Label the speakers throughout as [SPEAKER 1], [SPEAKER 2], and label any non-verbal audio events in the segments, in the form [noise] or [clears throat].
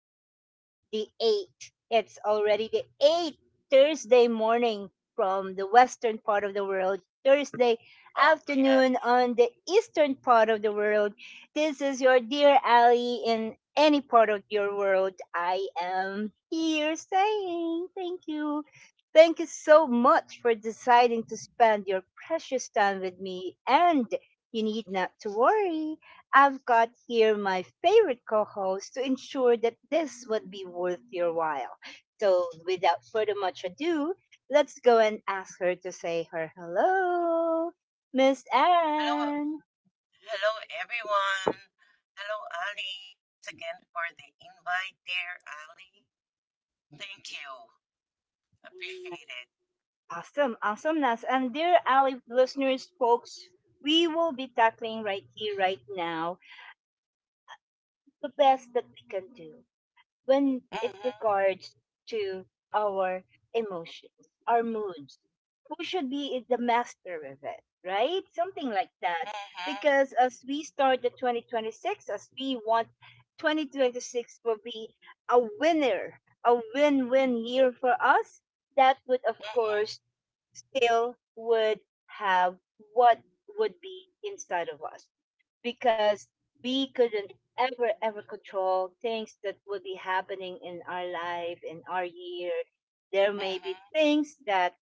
[SPEAKER 1] number, the eight. It's already the eighth Thursday morning from the western part of the world, Thursday
[SPEAKER 2] Oh, yes.
[SPEAKER 1] afternoon on the eastern part of the world. This is your dear Ali in any part of your world. I am here saying thank you. Thank you so much for deciding to spend your precious time with me, and you need not to worry. I've got here my favorite co host to ensure that this would be worth your while. So, without further much ado, let's go and ask her to say her hello. Miss
[SPEAKER 2] Hello,
[SPEAKER 1] Anne.
[SPEAKER 2] hello everyone. Hello, Ali. Thanks again for the invite there, Ali. Thank you. Appreciate it.
[SPEAKER 1] Awesome, awesome, Nas. And dear Ali listeners, folks, we will be tackling right here, right now, the best that we can do when it
[SPEAKER 2] Mm-hmm.
[SPEAKER 1] regards to our emotions, our moods. Who should be the master of it, right? Something like that.
[SPEAKER 2] Mm-hmm.
[SPEAKER 1] Because as we start the 2026, as we want 2026 will be a winner, a win-win year for us, that would of
[SPEAKER 2] Mm-hmm.
[SPEAKER 1] course still would have what would be inside of us, because we couldn't ever control things that would be happening in our life, in our year. There may be
[SPEAKER 2] Mm-hmm.
[SPEAKER 1] things that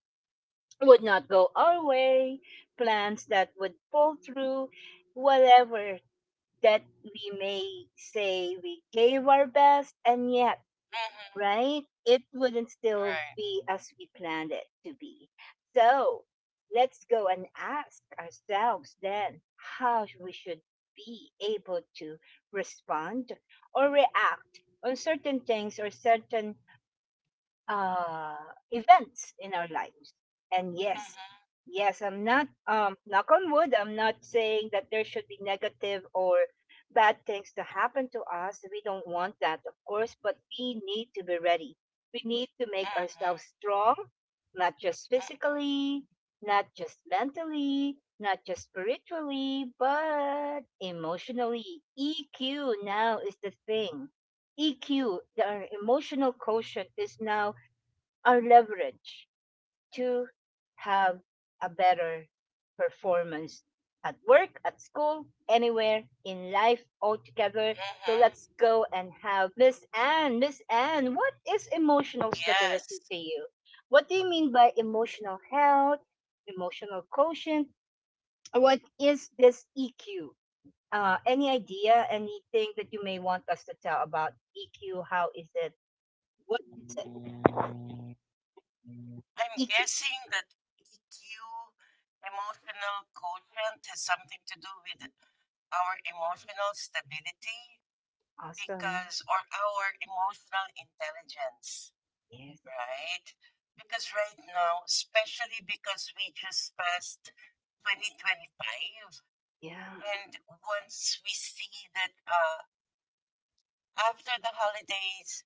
[SPEAKER 1] would not go our way, plans that would fall through, whatever, that we may say we gave our best and yet,
[SPEAKER 2] Mm-hmm.
[SPEAKER 1] right? It wouldn't still
[SPEAKER 2] Right.
[SPEAKER 1] be as we planned it to be. So let's go and ask ourselves then how we should be able to respond or react on certain things or certain uh, events in our lives. And yes,
[SPEAKER 2] Mm-hmm.
[SPEAKER 1] yes, I'm not knock on wood. I'm not saying that there should be negative or bad things to happen to us. We don't want that, of course, but we need to be ready. We need to make ourselves
[SPEAKER 2] Mm-hmm.
[SPEAKER 1] strong, not just
[SPEAKER 2] Mm-hmm.
[SPEAKER 1] physically, not just mentally, not just spiritually, but emotionally. EQ now is the thing. EQ, the emotional quotient, is now are leveraged to have a better performance at work, at school, anywhere in life altogether. So let's
[SPEAKER 2] Mm-hmm.
[SPEAKER 1] go and have Miss Anne. Miss Anne, what is emotional stability
[SPEAKER 2] Yes.
[SPEAKER 1] to you? What do you mean by emotional health, emotional quotient? What is this EQ? Any idea, anything that you may want us to tell about EQ? How is it? What is it?
[SPEAKER 2] I'm
[SPEAKER 1] EQ.
[SPEAKER 2] guessing that EQ, emotional quotient, has something to do with our emotional stability
[SPEAKER 1] Awesome.
[SPEAKER 2] because on our emotional intelligence,
[SPEAKER 1] Yes.
[SPEAKER 2] right? Because right now, especially because we just passed 2025,
[SPEAKER 1] Yeah.
[SPEAKER 2] and once we see that after the holidays,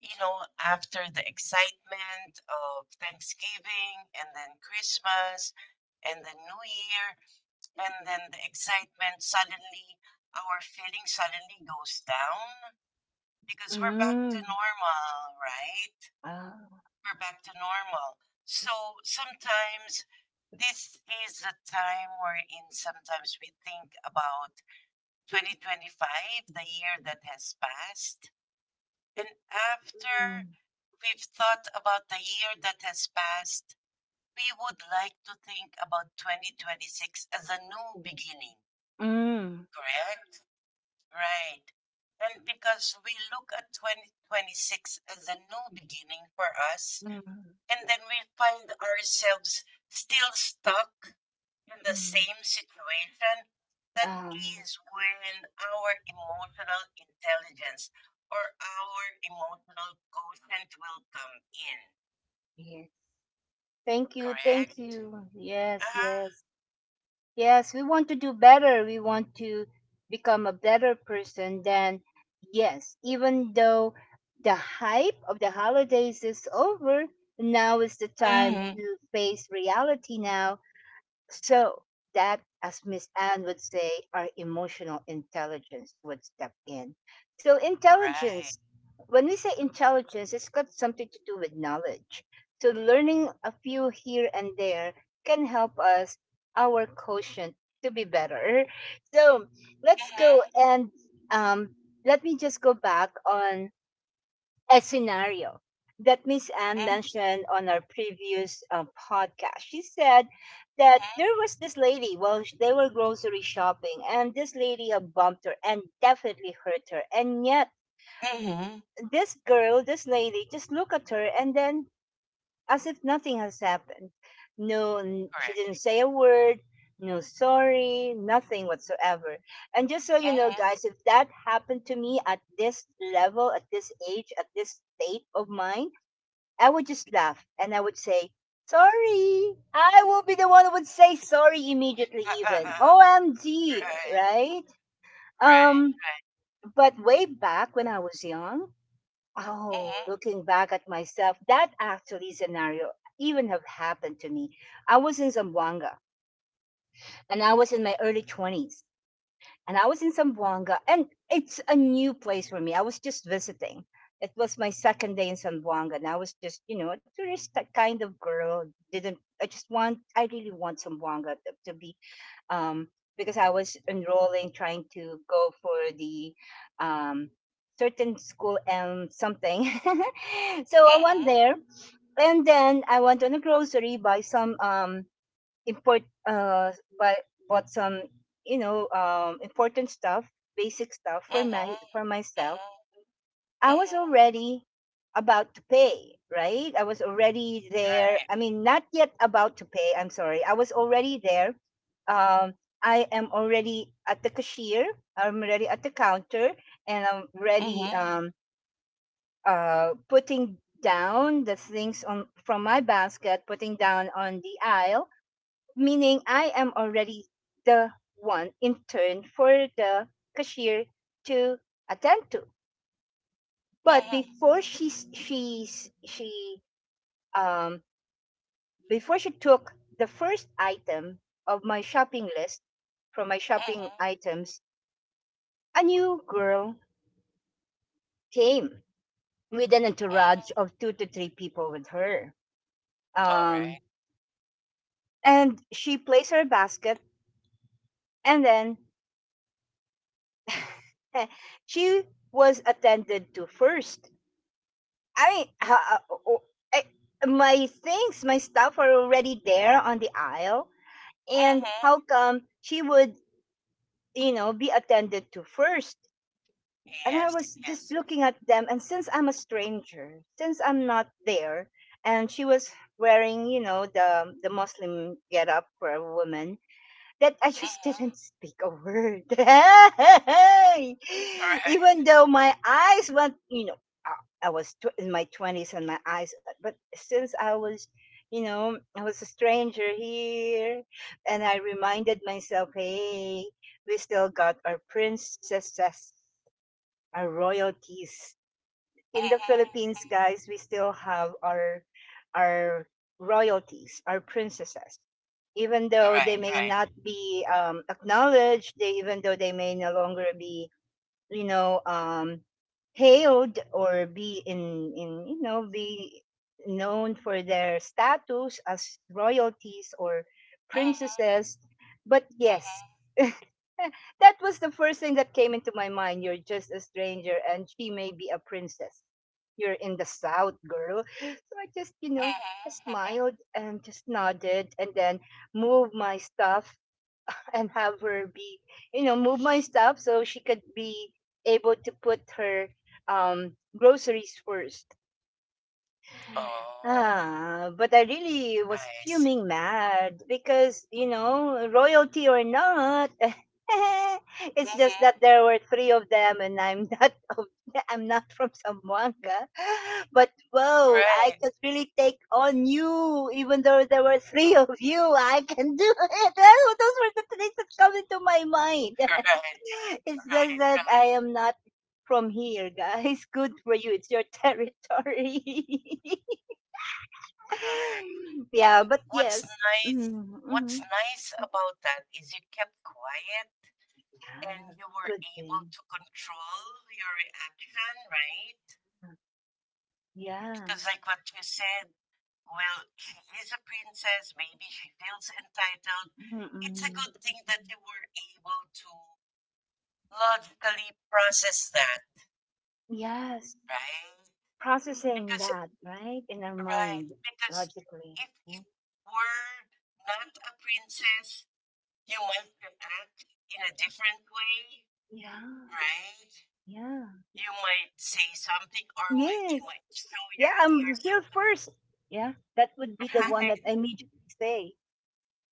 [SPEAKER 2] you know, after the excitement of Thanksgiving and then Christmas and the New Year, and then the excitement suddenly, our feeling suddenly goes down because we're back to
[SPEAKER 1] Mm.
[SPEAKER 2] normal, right?
[SPEAKER 1] Oh.
[SPEAKER 2] We're back to normal. So sometimes this is the time we're in. Sometimes we think about 2025, the year that has passed. And
[SPEAKER 1] Mm.
[SPEAKER 2] after we've thought about the year that has passed, we would like to think about 2026 as a new beginning,
[SPEAKER 1] Mm.
[SPEAKER 2] correct? Right. And because we look at 2026 as a new beginning for us,
[SPEAKER 1] Mm.
[SPEAKER 2] and then we find ourselves still stuck in the
[SPEAKER 1] Mm.
[SPEAKER 2] same situation, that
[SPEAKER 1] Um.
[SPEAKER 2] is when our emotional intelligence or our emotional quotient will come in.
[SPEAKER 1] Yes. Thank you. Thank
[SPEAKER 2] Correct?
[SPEAKER 1] you. Yes.
[SPEAKER 2] Uh-huh.
[SPEAKER 1] Yes. Yes. We want to do better. We want to become a better person. Than yes, even though the hype of the holidays is over, now is the time
[SPEAKER 2] Hmm.
[SPEAKER 1] to face reality. Now so that, as Miss Anne would say, our emotional intelligence would step in. So
[SPEAKER 2] Right.
[SPEAKER 1] intelligence, when we say intelligence, it's got something to do with knowledge. So learning a few here and there can help us, our quotient, to be better. So let's go
[SPEAKER 2] Mm-hmm.
[SPEAKER 1] and um, let me just go back on a scenario that Miss Anne
[SPEAKER 2] Mm-hmm.
[SPEAKER 1] mentioned on our previous podcast. She said that there was this lady while they were grocery shopping, and this lady had bumped her and definitely hurt her. And yet,
[SPEAKER 2] Mm-hmm.
[SPEAKER 1] this girl, this lady, just look at her and then as if nothing has happened. No, she
[SPEAKER 2] Correct.
[SPEAKER 1] didn't say a word. No sorry, nothing whatsoever. And just so you know,
[SPEAKER 2] Mm-hmm.
[SPEAKER 1] guys, if that happened to me at this level, at this age, at this state of mind, I would just laugh and I would say, sorry. I will be the one who would say sorry
[SPEAKER 2] [laughs]
[SPEAKER 1] immediately, even.
[SPEAKER 2] Right.
[SPEAKER 1] OMG, right?
[SPEAKER 2] Right,
[SPEAKER 1] Um,
[SPEAKER 2] right.
[SPEAKER 1] but way back when I was young, oh,
[SPEAKER 2] Mhm,
[SPEAKER 1] looking back at myself, that actually scenario even have happened to me. I was in Zamboanga, and I was in my early 20s, and I was in Zamboanga, and it's a new place for me. I was just visiting. It was my second day in Zamboanga, and I was just, you know, a tourist kind of girl. Didn't I just want? I really want Zamboanga to be, um, because I was enrolling, trying to go for the, um, certain school and something. [laughs] So I went there, and then I went on a grocery, buy some, import but bought some, important stuff, basic stuff
[SPEAKER 2] mhm,
[SPEAKER 1] for my for myself.
[SPEAKER 2] mhm,
[SPEAKER 1] I
[SPEAKER 2] mhm,
[SPEAKER 1] was
[SPEAKER 2] mhm.
[SPEAKER 1] already about to pay, right? I was already there.
[SPEAKER 2] Right.
[SPEAKER 1] I mean, not yet about to pay. I'm sorry, I was already there. um I am already at the cashier. I'm already at the counter, and I'm ready,
[SPEAKER 2] Mhm,
[SPEAKER 1] putting down the things on from my basket, putting down on the aisle, meaning I am already the one in turn for the cashier to attend to. But
[SPEAKER 2] mhm,
[SPEAKER 1] um before she took the first item of my shopping list, from my shopping
[SPEAKER 2] mhm,
[SPEAKER 1] items, a new girl came with an entourage
[SPEAKER 2] mhm.
[SPEAKER 1] of two to three people with her.
[SPEAKER 2] All
[SPEAKER 1] Um
[SPEAKER 2] right.
[SPEAKER 1] and she placed her basket, and then [laughs] she was attended to first. I mean, my things, my stuff are already there on the aisle. And
[SPEAKER 2] Mhm.
[SPEAKER 1] how come she would, be attended to first? And I
[SPEAKER 2] Yes,
[SPEAKER 1] was just
[SPEAKER 2] yes.
[SPEAKER 1] looking at them. And since I'm a stranger, since I'm not there, and she was wearing, the Muslim get up for a woman, that I just
[SPEAKER 2] Mhm.
[SPEAKER 1] didn't speak a word. [laughs] Even
[SPEAKER 2] Right.
[SPEAKER 1] though my eyes went, I was in my 20s, and my eyes, but since I was, a stranger here, and I reminded myself, hey, we still got our princesses, our royalties
[SPEAKER 2] Mhm.
[SPEAKER 1] in the Philippines,
[SPEAKER 2] Mhm.
[SPEAKER 1] guys, we still have our our royalties, our princesses. Even though they
[SPEAKER 2] Right,
[SPEAKER 1] may
[SPEAKER 2] right.
[SPEAKER 1] not be acknowledged, they even though they may no longer be, you know, um, hailed, or be in you know be known for their status as royalties or
[SPEAKER 2] Mhm,
[SPEAKER 1] princesses, but
[SPEAKER 2] mhm,
[SPEAKER 1] yes, [laughs] that was the first thing that came into my mind. You're just a stranger, and she may be a princess. You're in the south, girl. [gasps] So I just,
[SPEAKER 2] mhm,
[SPEAKER 1] I smiled
[SPEAKER 2] mhm.
[SPEAKER 1] and just nodded, and then moved my stuff, [laughs] and have her be, move my stuff so she could be able to put her groceries first.
[SPEAKER 2] Oh,
[SPEAKER 1] Ah, but I really was
[SPEAKER 2] I see.
[SPEAKER 1] fuming mad because, royalty or not, [laughs] it's just that
[SPEAKER 2] Mhm.
[SPEAKER 1] there were three of them and I'm not [laughs] of, I'm not from Zamboanga. But whoa, I
[SPEAKER 2] Right,
[SPEAKER 1] could really take on you even though there were three of you. I can do it. [laughs] Those were the things that come into my mind.
[SPEAKER 2] [laughs] right,
[SPEAKER 1] [laughs]
[SPEAKER 2] right,
[SPEAKER 1] It's just that
[SPEAKER 2] right.
[SPEAKER 1] I am not from here, guys. [laughs] Good for you. It's your territory. [laughs]
[SPEAKER 2] Correct.
[SPEAKER 1] [laughs] Yeah,
[SPEAKER 2] And
[SPEAKER 1] but yes. Mm-hmm, mm-hmm.
[SPEAKER 2] what's nice about that is you kept quiet and you were
[SPEAKER 1] Good
[SPEAKER 2] able
[SPEAKER 1] thing.
[SPEAKER 2] to control your reaction, right?
[SPEAKER 1] Yeah.
[SPEAKER 2] Because like what you said, well, she is a princess, maybe she feels entitled. It's a
[SPEAKER 1] Mm-mm.
[SPEAKER 2] good thing that you were able to logically process that,
[SPEAKER 1] Yes.
[SPEAKER 2] right?
[SPEAKER 1] Processing
[SPEAKER 2] Because,
[SPEAKER 1] that, right? In our
[SPEAKER 2] right,
[SPEAKER 1] mind,
[SPEAKER 2] because
[SPEAKER 1] logically.
[SPEAKER 2] if
[SPEAKER 1] Yeah.
[SPEAKER 2] it were not a princess, you might to act in a different way,
[SPEAKER 1] Yeah.
[SPEAKER 2] right?
[SPEAKER 1] Yeah.
[SPEAKER 2] You might say something, or might you
[SPEAKER 1] Yes.
[SPEAKER 2] might show
[SPEAKER 1] Yeah,
[SPEAKER 2] your
[SPEAKER 1] I'm here
[SPEAKER 2] yourself. [laughs]
[SPEAKER 1] first. Yeah. That would be the one
[SPEAKER 2] Right.
[SPEAKER 1] that I immediately say,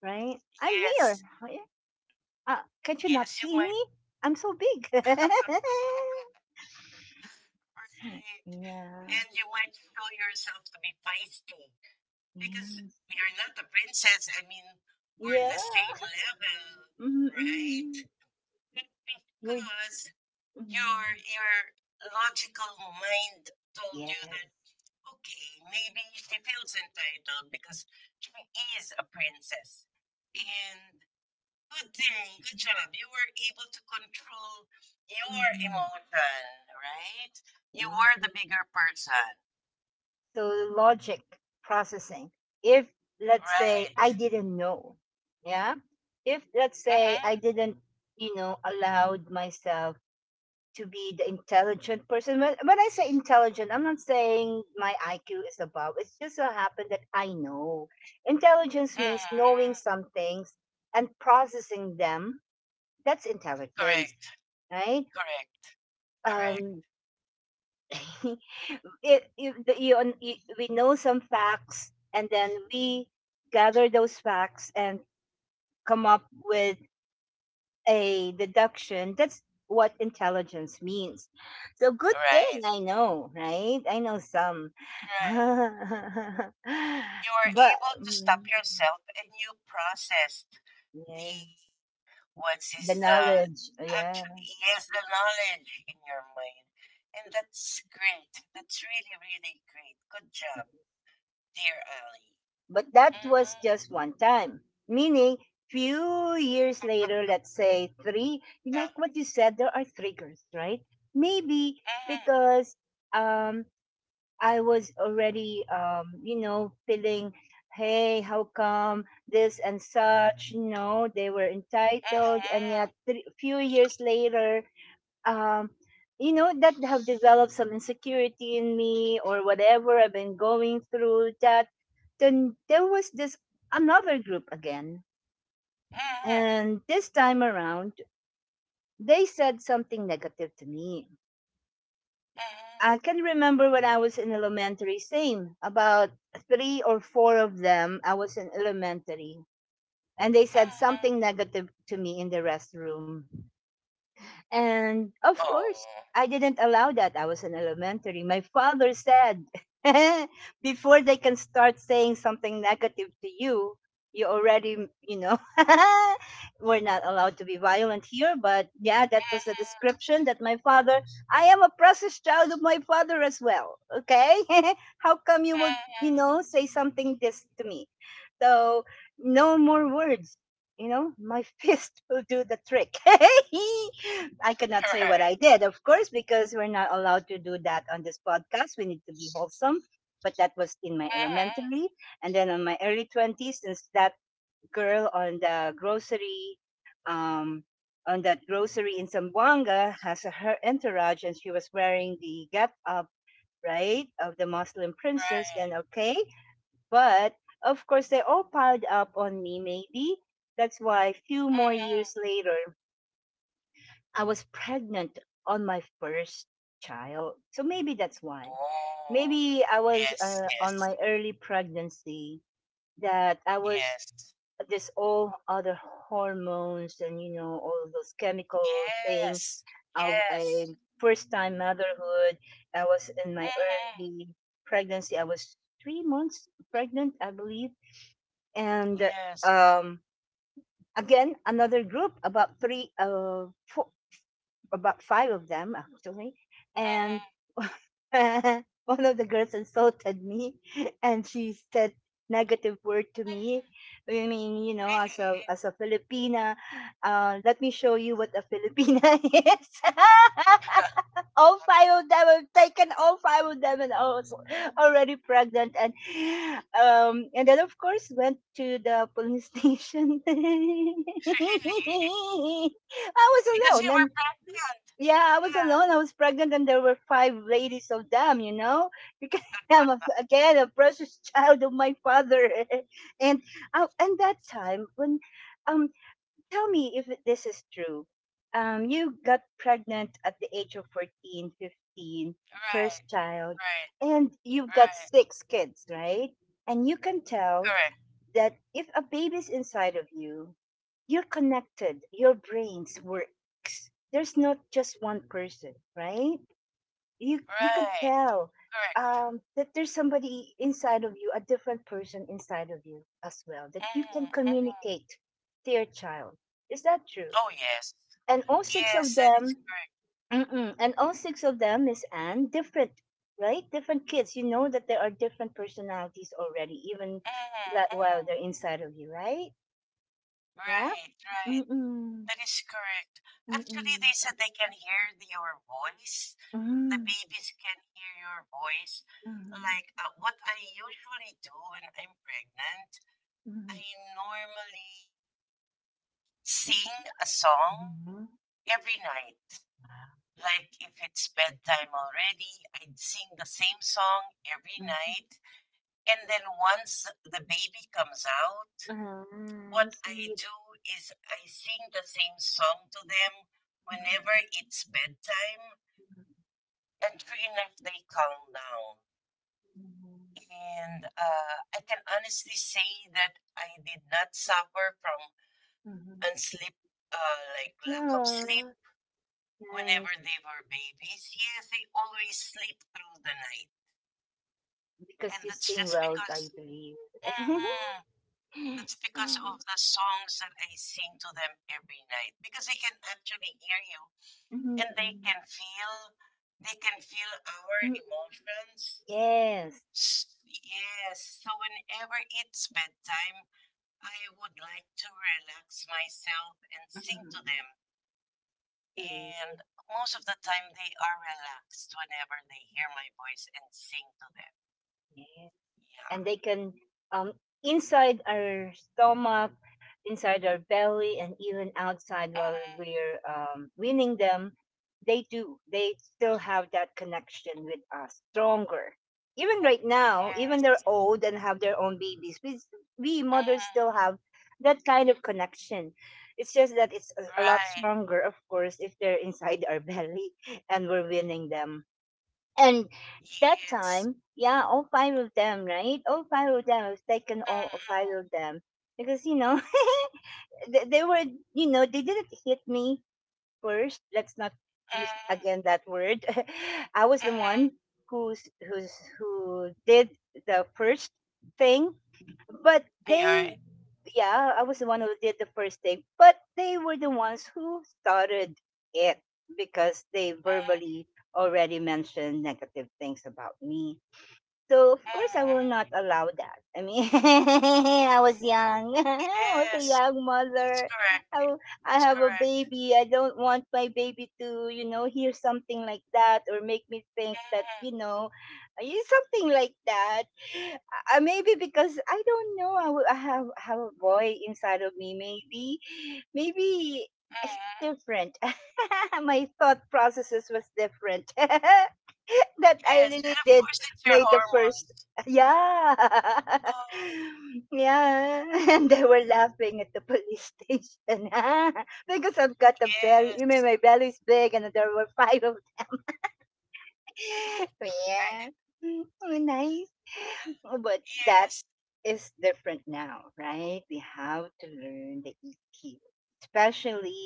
[SPEAKER 1] right? I'm here.
[SPEAKER 2] Yes.
[SPEAKER 1] Yeah. Can't you not
[SPEAKER 2] Yes. You
[SPEAKER 1] see
[SPEAKER 2] might.
[SPEAKER 1] me? I'm so big. [laughs]
[SPEAKER 2] [laughs] Right.
[SPEAKER 1] Yeah.
[SPEAKER 2] And you might show yourself to be feisty because
[SPEAKER 1] Yes.
[SPEAKER 2] we are not the princess. I mean, we're
[SPEAKER 1] Yeah.
[SPEAKER 2] the same level, right?
[SPEAKER 1] Mm-mm.
[SPEAKER 2] It's
[SPEAKER 1] We're,
[SPEAKER 2] because your
[SPEAKER 1] mm,
[SPEAKER 2] your logical mind told you
[SPEAKER 1] yes.
[SPEAKER 2] that okay, maybe she feels entitled because she is a princess. And good thing, good job. You were able to control your
[SPEAKER 1] Hmm.
[SPEAKER 2] emotion, right? You
[SPEAKER 1] Yes.
[SPEAKER 2] were the bigger person,
[SPEAKER 1] So the logic, processing. If let's say
[SPEAKER 2] right?
[SPEAKER 1] I didn't know, yeah. If let's say I
[SPEAKER 2] Mm-hmm.
[SPEAKER 1] didn't, allowed myself to be the intelligent person. When I say intelligent, I'm not saying my IQ is above. It's just so happened that I know. Intelligence means knowing
[SPEAKER 2] Mm-hmm.
[SPEAKER 1] some things and processing them. That's intelligence,
[SPEAKER 2] Correct.
[SPEAKER 1] right?
[SPEAKER 2] Correct. Correct.
[SPEAKER 1] um [laughs] it, you, we know some facts and then we gather those facts and come up with a deduction. That's what intelligence means. So good thing
[SPEAKER 2] Right.
[SPEAKER 1] I know, right? I know some, [laughs]
[SPEAKER 2] Right. You were
[SPEAKER 1] but
[SPEAKER 2] able to
[SPEAKER 1] mm,
[SPEAKER 2] stop yourself and you processed
[SPEAKER 1] yeah,
[SPEAKER 2] the What
[SPEAKER 1] the
[SPEAKER 2] is the
[SPEAKER 1] knowledge, yeah.
[SPEAKER 2] actually yes, the knowledge in your mind, and that's great. That's really really great. Good job, dear Ali.
[SPEAKER 1] But that was
[SPEAKER 2] Mm-hmm.
[SPEAKER 1] just one time, meaning few years later, let's say three,
[SPEAKER 2] Yeah.
[SPEAKER 1] like what you said, there are triggers, right? Maybe
[SPEAKER 2] Mm-hmm.
[SPEAKER 1] because, um, I was already, feeling, hey, how come this and such, they were entitled. And
[SPEAKER 2] Mm-hmm.
[SPEAKER 1] yet, three, few years later, um, that have developed some insecurity in me, or whatever I've been going through, da then there was this another group again,
[SPEAKER 2] Mm-hmm.
[SPEAKER 1] and this time around, they said something negative to me. I
[SPEAKER 2] Mm-hmm.
[SPEAKER 1] can remember when I was in elementary, same, about three or four of them. I was in elementary, and they said
[SPEAKER 2] Mm-hmm.
[SPEAKER 1] something negative to me in the restroom. And of course,
[SPEAKER 2] Oh.
[SPEAKER 1] I didn't allow that. I was in elementary. My father said, [laughs] before they can start saying something negative to you, you already, [laughs] we're not allowed to be violent here. But yeah, that was the
[SPEAKER 2] Mm-hmm.
[SPEAKER 1] description that my father, I am a precious child of my father as well. Okay. [laughs] How come you would
[SPEAKER 2] Mm-hmm.
[SPEAKER 1] say something this to me? So no more words. You know, my [laughs] fist will do the trick. [laughs] I cannot say what I
[SPEAKER 2] Right.
[SPEAKER 1] did, of course, because we're not allowed to do that on this podcast. We need to be wholesome. But that was in my
[SPEAKER 2] Mm-hmm.
[SPEAKER 1] elementary. And then on my early 20s, since that girl on the grocery, um, on that grocery in Zamboanga has a, her entourage and she was wearing the get up, right, of the Muslim princess,
[SPEAKER 2] Right.
[SPEAKER 1] then okay. But of course, they all piled up on me, maybe. That's why a few more years
[SPEAKER 2] Mm-hmm.
[SPEAKER 1] later, I was pregnant on my first child. So maybe that's why.
[SPEAKER 2] Oh.
[SPEAKER 1] Maybe I was
[SPEAKER 2] Yes.
[SPEAKER 1] on
[SPEAKER 2] Yes.
[SPEAKER 1] my early pregnancy that I was
[SPEAKER 2] Yes.
[SPEAKER 1] this all other hormones and you know all of those chemical thing
[SPEAKER 2] Yes.
[SPEAKER 1] of a
[SPEAKER 2] Yes.
[SPEAKER 1] first time motherhood. I was in my
[SPEAKER 2] Mm-hmm.
[SPEAKER 1] early pregnancy. I was 3 months pregnant, I believe, and
[SPEAKER 2] Yes.
[SPEAKER 1] um, again another group about three four, about five of them actually, and
[SPEAKER 2] Mhm.
[SPEAKER 1] [laughs] one of the girls insulted me, and she said negative word to me. I mean, you know, as a
[SPEAKER 2] Really?
[SPEAKER 1] as a Filipina, let me show you what a Filipina [laughs] is. [laughs]
[SPEAKER 2] [laughs]
[SPEAKER 1] All five of them, I've taken all five of them, and I was already pregnant. And then of course went to the police station. [laughs]
[SPEAKER 2] Really?
[SPEAKER 1] I
[SPEAKER 2] Because
[SPEAKER 1] was
[SPEAKER 2] you
[SPEAKER 1] alone, and
[SPEAKER 2] were pregnant.
[SPEAKER 1] yeah, I was
[SPEAKER 2] Yeah.
[SPEAKER 1] alone. I was pregnant, and there were five ladies of them. You know, because [laughs] I'm a,
[SPEAKER 2] [laughs]
[SPEAKER 1] again a precious child of my father, [laughs] and and that time when, um, tell me if this is true. You got pregnant at the age of 14, 15,
[SPEAKER 2] Right.
[SPEAKER 1] first child,
[SPEAKER 2] Right.
[SPEAKER 1] and you've got
[SPEAKER 2] Right.
[SPEAKER 1] six kids, right? And you can tell
[SPEAKER 2] Correct.
[SPEAKER 1] that if a baby's inside of you, you're connected. Your brains works. There's not just one person, right? You could
[SPEAKER 2] Right.
[SPEAKER 1] tell
[SPEAKER 2] Correct.
[SPEAKER 1] that there's somebody inside of you, a different person inside of you as well, that you can
[SPEAKER 2] Mm-hmm. Mm-hmm.
[SPEAKER 1] communicate to your child. Is that true?
[SPEAKER 2] Oh, yes.
[SPEAKER 1] And all six
[SPEAKER 2] Yes,
[SPEAKER 1] of
[SPEAKER 2] that is
[SPEAKER 1] them,
[SPEAKER 2] correct.
[SPEAKER 1] mm-mm, and all six of them, Miss Anne, different, right? Different kids. You know that there are different personalities already, even
[SPEAKER 2] Mm-hmm.
[SPEAKER 1] that while
[SPEAKER 2] Mm-hmm.
[SPEAKER 1] they're inside of you, right? Yeah?
[SPEAKER 2] Right. Right.
[SPEAKER 1] Mm-mm.
[SPEAKER 2] That is correct. Actually,
[SPEAKER 1] Mm-mm.
[SPEAKER 2] they said they can hear your voice. The
[SPEAKER 1] Mm.
[SPEAKER 2] babies can hear your voice.
[SPEAKER 1] Mhm.
[SPEAKER 2] Like what I usually do when I'm pregnant, I
[SPEAKER 1] Mhm.
[SPEAKER 2] normally sing a song every night. Like if it's bedtime already, I'd sing the same song every
[SPEAKER 1] Mhm. Mhm.
[SPEAKER 2] night. And then once the baby comes out,
[SPEAKER 1] Ah, I
[SPEAKER 2] what I
[SPEAKER 1] see.
[SPEAKER 2] do is I sing the same song to them whenever it's bedtime.
[SPEAKER 1] Mhm.
[SPEAKER 2] And sure enough, they calm down. And I can honestly say that I did not suffer from
[SPEAKER 1] Mhm.
[SPEAKER 2] unsleep, like lack of sleep.
[SPEAKER 1] Yeah. Nice.
[SPEAKER 2] Whenever they were babies, yes, they always sleep through the night.
[SPEAKER 1] Because
[SPEAKER 2] And
[SPEAKER 1] you
[SPEAKER 2] that's
[SPEAKER 1] sing
[SPEAKER 2] just
[SPEAKER 1] well, I
[SPEAKER 2] because,
[SPEAKER 1] believe. [laughs]
[SPEAKER 2] mhm, that's because
[SPEAKER 1] Yeah.
[SPEAKER 2] of the songs that I sing to them every night. Because they can actually hear you
[SPEAKER 1] Mm-hmm.
[SPEAKER 2] and
[SPEAKER 1] Mm-mm.
[SPEAKER 2] they can feel our
[SPEAKER 1] Mm,
[SPEAKER 2] emotions.
[SPEAKER 1] yes.
[SPEAKER 2] S- Yes. So whenever it's bedtime, I would like to relax myself and sing to
[SPEAKER 1] Mhm.
[SPEAKER 2] them.
[SPEAKER 1] Sweet.
[SPEAKER 2] And most of the time, they are relaxed whenever they hear my voice and sing to them.
[SPEAKER 1] Yeah.
[SPEAKER 2] Yeah.
[SPEAKER 1] And they can um, inside our stomach inside our belly and even outside
[SPEAKER 2] Mm.
[SPEAKER 1] while we're winning them they still have that connection with us stronger even
[SPEAKER 2] Oh,
[SPEAKER 1] right now even they're
[SPEAKER 2] yes.
[SPEAKER 1] old and have their own babies we mothers still
[SPEAKER 2] Mm.
[SPEAKER 1] have that kind of connection, it's just that it's a lot
[SPEAKER 2] Right.
[SPEAKER 1] stronger of course if they're inside our [laughs] belly and we're winning them and that
[SPEAKER 2] Yes.
[SPEAKER 1] time, yeah, all five of them, right? All five of them. I've taken all five
[SPEAKER 2] Mm-mm.
[SPEAKER 1] of them because you know [laughs] they were, you know, they didn't hit me first. Let's not use
[SPEAKER 2] Mm.
[SPEAKER 1] again that word. [laughs] I was the
[SPEAKER 2] Mm-hmm.
[SPEAKER 1] one who's who's who did the first thing, but they
[SPEAKER 2] Right.
[SPEAKER 1] yeah, I was the one who did the first thing, but they were the ones who started it because they
[SPEAKER 2] Mm.
[SPEAKER 1] verbally already mentioned negative things about me. So of course I will not
[SPEAKER 2] Mm.
[SPEAKER 1] allow that. I mean, [laughs] I was young. [laughs] I was a
[SPEAKER 2] Yes.
[SPEAKER 1] young
[SPEAKER 2] That's
[SPEAKER 1] mother.
[SPEAKER 2] correct.
[SPEAKER 1] I, I
[SPEAKER 2] That's
[SPEAKER 1] have a
[SPEAKER 2] correct.
[SPEAKER 1] baby. I don't want my baby to, you know, hear something like that or make me think that,
[SPEAKER 2] Mm.
[SPEAKER 1] you know, I use something like that. Maybe because I don't know. I, I have a boy inside of me. Maybe, maybe it's
[SPEAKER 2] Mm.
[SPEAKER 1] different. [laughs] My thought processes was different. [laughs] That I
[SPEAKER 2] Yes.
[SPEAKER 1] really
[SPEAKER 2] And of
[SPEAKER 1] did
[SPEAKER 2] course, it's your
[SPEAKER 1] May the first.
[SPEAKER 2] hormones.
[SPEAKER 1] Yeah. [laughs]
[SPEAKER 2] Oh,
[SPEAKER 1] Yeah. [laughs] And they were laughing at the police station [laughs] because I've got a belly. You
[SPEAKER 2] yes.
[SPEAKER 1] mean my belly's big and there were five of them. [laughs]
[SPEAKER 2] Right.
[SPEAKER 1] Yeah. Mm, oh, nice. Oh, but that
[SPEAKER 2] Yes.
[SPEAKER 1] is different now, right? We have to learn the EQ,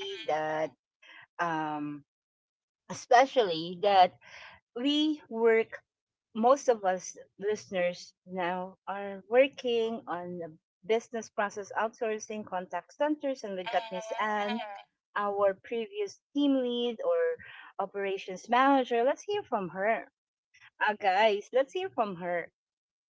[SPEAKER 2] Mm.
[SPEAKER 1] that um especially that we work, most of us listeners now are working on the business process outsourcing contact centers, and we
[SPEAKER 2] Mm.
[SPEAKER 1] got Miss Anne, our previous team lead or operations manager. Let's hear from her, guys, let's hear from her.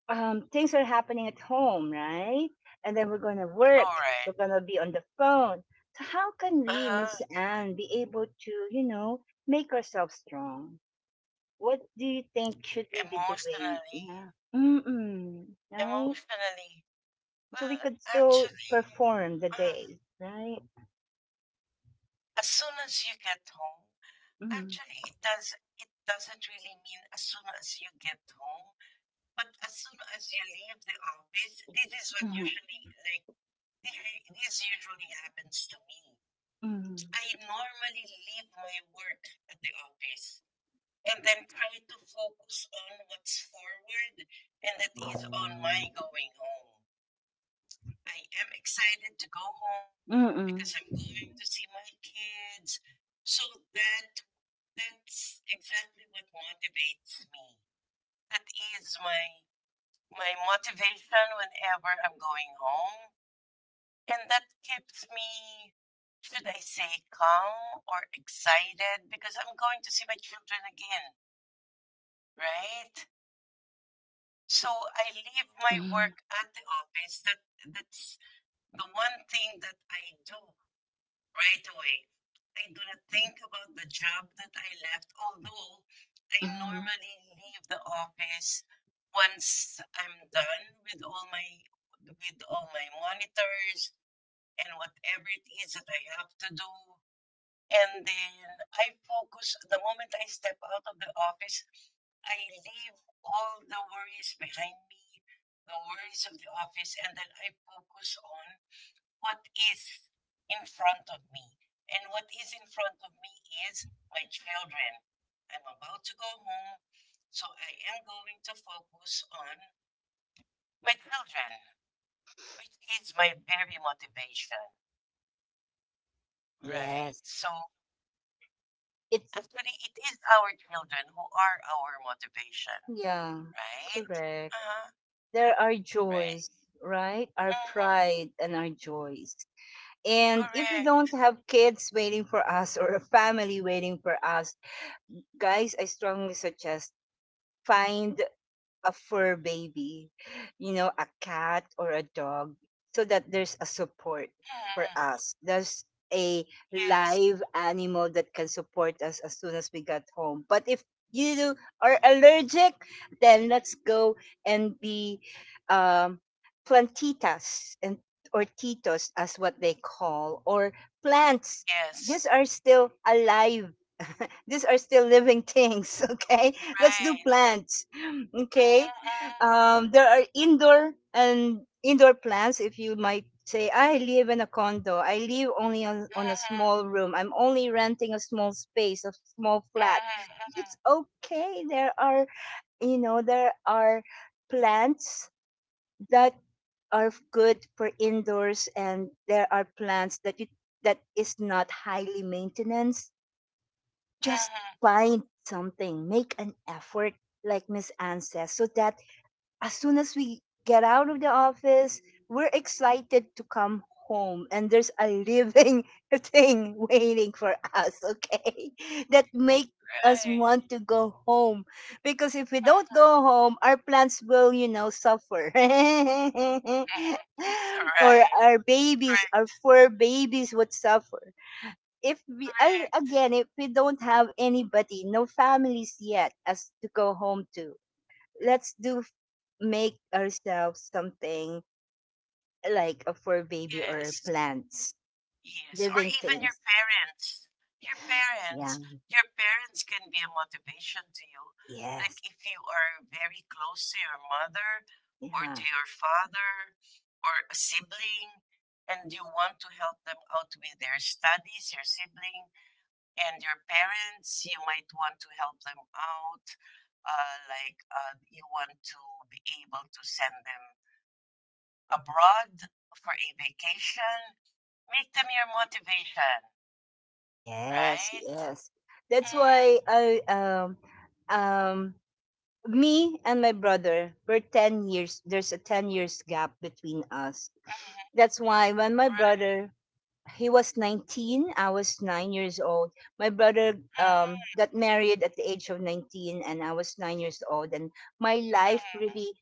[SPEAKER 1] Um, things are happening at home, right, and then we're going to work, we're
[SPEAKER 2] Alright.
[SPEAKER 1] going to be on the phone. So how can
[SPEAKER 2] Uh,
[SPEAKER 1] we, Miss Anne, be able to, you know, make ourselves strong? What do you think should we be doing?
[SPEAKER 2] Emotionally,
[SPEAKER 1] Yeah. Mm-mm. Right?
[SPEAKER 2] emotionally,
[SPEAKER 1] So we
[SPEAKER 2] well,
[SPEAKER 1] could still
[SPEAKER 2] actually,
[SPEAKER 1] perform the
[SPEAKER 2] uh,
[SPEAKER 1] day, right?
[SPEAKER 2] as soon as you get home,
[SPEAKER 1] Mm-hmm.
[SPEAKER 2] actually, it does it doesn't really mean as soon as you get home, but as soon as you leave the office, this is what
[SPEAKER 1] Mm-hmm.
[SPEAKER 2] usually like [laughs] this this usually happens to me.
[SPEAKER 1] Um,
[SPEAKER 2] I normally leave my work at the office and then try to focus on what's forward, and that is on my going home. I am excited to go home
[SPEAKER 1] Mm-mm.
[SPEAKER 2] because I'm going to see my kids. So that's exactly what motivates me. That is my motivation whenever I'm going home. And that keeps me, should I say, calm or excited because I'm going to see my children again, right? So I leave my
[SPEAKER 1] Mm-mm.
[SPEAKER 2] work at the office. That's the one thing that I do right away. I do not think about the job that I left, although I
[SPEAKER 1] Mm-mm.
[SPEAKER 2] normally leave the office once I'm done with all my monitors and whatever it is that I have to do. And then I focus the moment I step out of the office, I leave all the worries behind me, the worries of the office, and then I focus on what is in front of me. And what is in front of me is my children. I'm about to go home, so I am going to focus on my children, which is my very motivation. Right.
[SPEAKER 1] Yes.
[SPEAKER 2] So
[SPEAKER 1] It's,
[SPEAKER 2] actually, it is our children who are our motivation,
[SPEAKER 1] yeah,
[SPEAKER 2] right?
[SPEAKER 1] correct.
[SPEAKER 2] Huh
[SPEAKER 1] There are
[SPEAKER 2] right.
[SPEAKER 1] joys, right? Our
[SPEAKER 2] Hmm.
[SPEAKER 1] pride and our joys. And if we don't
[SPEAKER 2] Correct.
[SPEAKER 1] have kids waiting for us or a family waiting for us, guys, I strongly suggest find a fur baby, you know, a cat or a dog, so that there's a support for
[SPEAKER 2] Hmm.
[SPEAKER 1] us. There's a
[SPEAKER 2] Yes.
[SPEAKER 1] live animal that can support us as soon as we got home. But if you are allergic, then let's go and be um, plantitas and or titos as what they call, or plants.
[SPEAKER 2] Yes.
[SPEAKER 1] These are still alive, these are still living things, [laughs] okay? Let's do
[SPEAKER 2] Right.
[SPEAKER 1] plants, okay?
[SPEAKER 2] Hmm.
[SPEAKER 1] There are indoor and indoor plants. If you might say, I live in a condo. I live only on a small room. I'm only renting a small space, a small flat.
[SPEAKER 2] Hmm.
[SPEAKER 1] It's
[SPEAKER 2] Hmm.
[SPEAKER 1] okay. There are, you know, there are plants that are good for indoors, and there are plants that you that is not highly maintenance. Just
[SPEAKER 2] Mhm.
[SPEAKER 1] find something, make an effort, like Miss Anne says, so that as soon as we get out of the office, we're excited to come home and there's a living [laughs] thing waiting for us, okay? [laughs] That make us
[SPEAKER 2] Right.
[SPEAKER 1] want to go home because if we don't go
[SPEAKER 2] Mhm.
[SPEAKER 1] home, our plants will, you know, suffer. [laughs]
[SPEAKER 2] [laughs]
[SPEAKER 1] Or
[SPEAKER 2] Right,
[SPEAKER 1] our babies, our
[SPEAKER 2] correct,
[SPEAKER 1] fur babies would suffer if we I,
[SPEAKER 2] correct.
[SPEAKER 1] again if we don't have anybody, no families yet as to go home to, let's do make ourselves something like a for baby or
[SPEAKER 2] Yes,
[SPEAKER 1] plants,
[SPEAKER 2] yes, or
[SPEAKER 1] living
[SPEAKER 2] even your
[SPEAKER 1] things.
[SPEAKER 2] parents. Your parents,
[SPEAKER 1] Yeah,
[SPEAKER 2] your parents can be a motivation to you. Like
[SPEAKER 1] yes,
[SPEAKER 2] if you are very close to your mother or
[SPEAKER 1] yeah,
[SPEAKER 2] to your father or a sibling and you want to help them out with their studies, your sibling, and your parents, you might want to help them out. Like you want to be able to send them abroad for a vacation. Make them your motivation,
[SPEAKER 1] yes,
[SPEAKER 2] right?
[SPEAKER 1] yes. That's
[SPEAKER 2] Mm,
[SPEAKER 1] why I um me and my brother, we 10 years, there's a 10 years gap between us.
[SPEAKER 2] mm,
[SPEAKER 1] That's why when my
[SPEAKER 2] right.
[SPEAKER 1] brother, he was 19, I was 9 years old. My brother
[SPEAKER 2] Mm,
[SPEAKER 1] got married at the age of 19 and I was 9 years old, and my life
[SPEAKER 2] mm.
[SPEAKER 1] really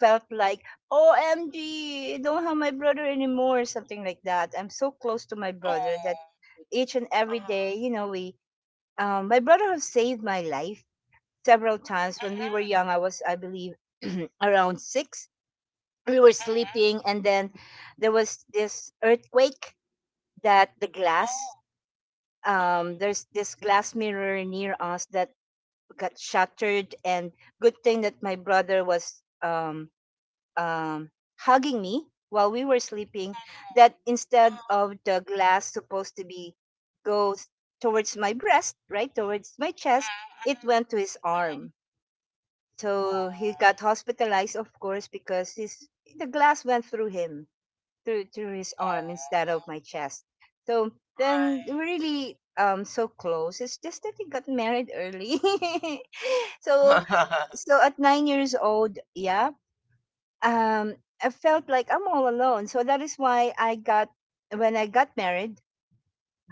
[SPEAKER 1] felt like OMG, I don't have my brother anymore, something like that. I'm so close to my brother that
[SPEAKER 2] Oh.
[SPEAKER 1] each and every day,
[SPEAKER 2] Uh,
[SPEAKER 1] you know, we my brother has saved my life several times. When we were
[SPEAKER 2] hmm.
[SPEAKER 1] young, I was, I believe [clears throat] around six, we were
[SPEAKER 2] Hmm.
[SPEAKER 1] sleeping, and then there was this earthquake that the
[SPEAKER 2] Oh.
[SPEAKER 1] glass
[SPEAKER 2] Uh, mm,
[SPEAKER 1] there's this glass mirror near us that got shattered, and good thing that my brother was um, hugging me while we were sleeping, that instead
[SPEAKER 2] uh,
[SPEAKER 1] of the glass supposed to be goes towards my breast, right, towards my chest, it
[SPEAKER 2] mm.
[SPEAKER 1] went to his
[SPEAKER 2] Mhm. Mhm.
[SPEAKER 1] arm. So he got
[SPEAKER 2] Oh.
[SPEAKER 1] hospitalized of course because his the glass went through him through his arm instead of
[SPEAKER 2] Oh.
[SPEAKER 1] my chest. So then we're really so close. It's just that he got married early. [laughs] So
[SPEAKER 2] Right. [laughs]
[SPEAKER 1] so at 9 years old, yeah, um, I felt like I'm all alone. So that is why I got when I got married,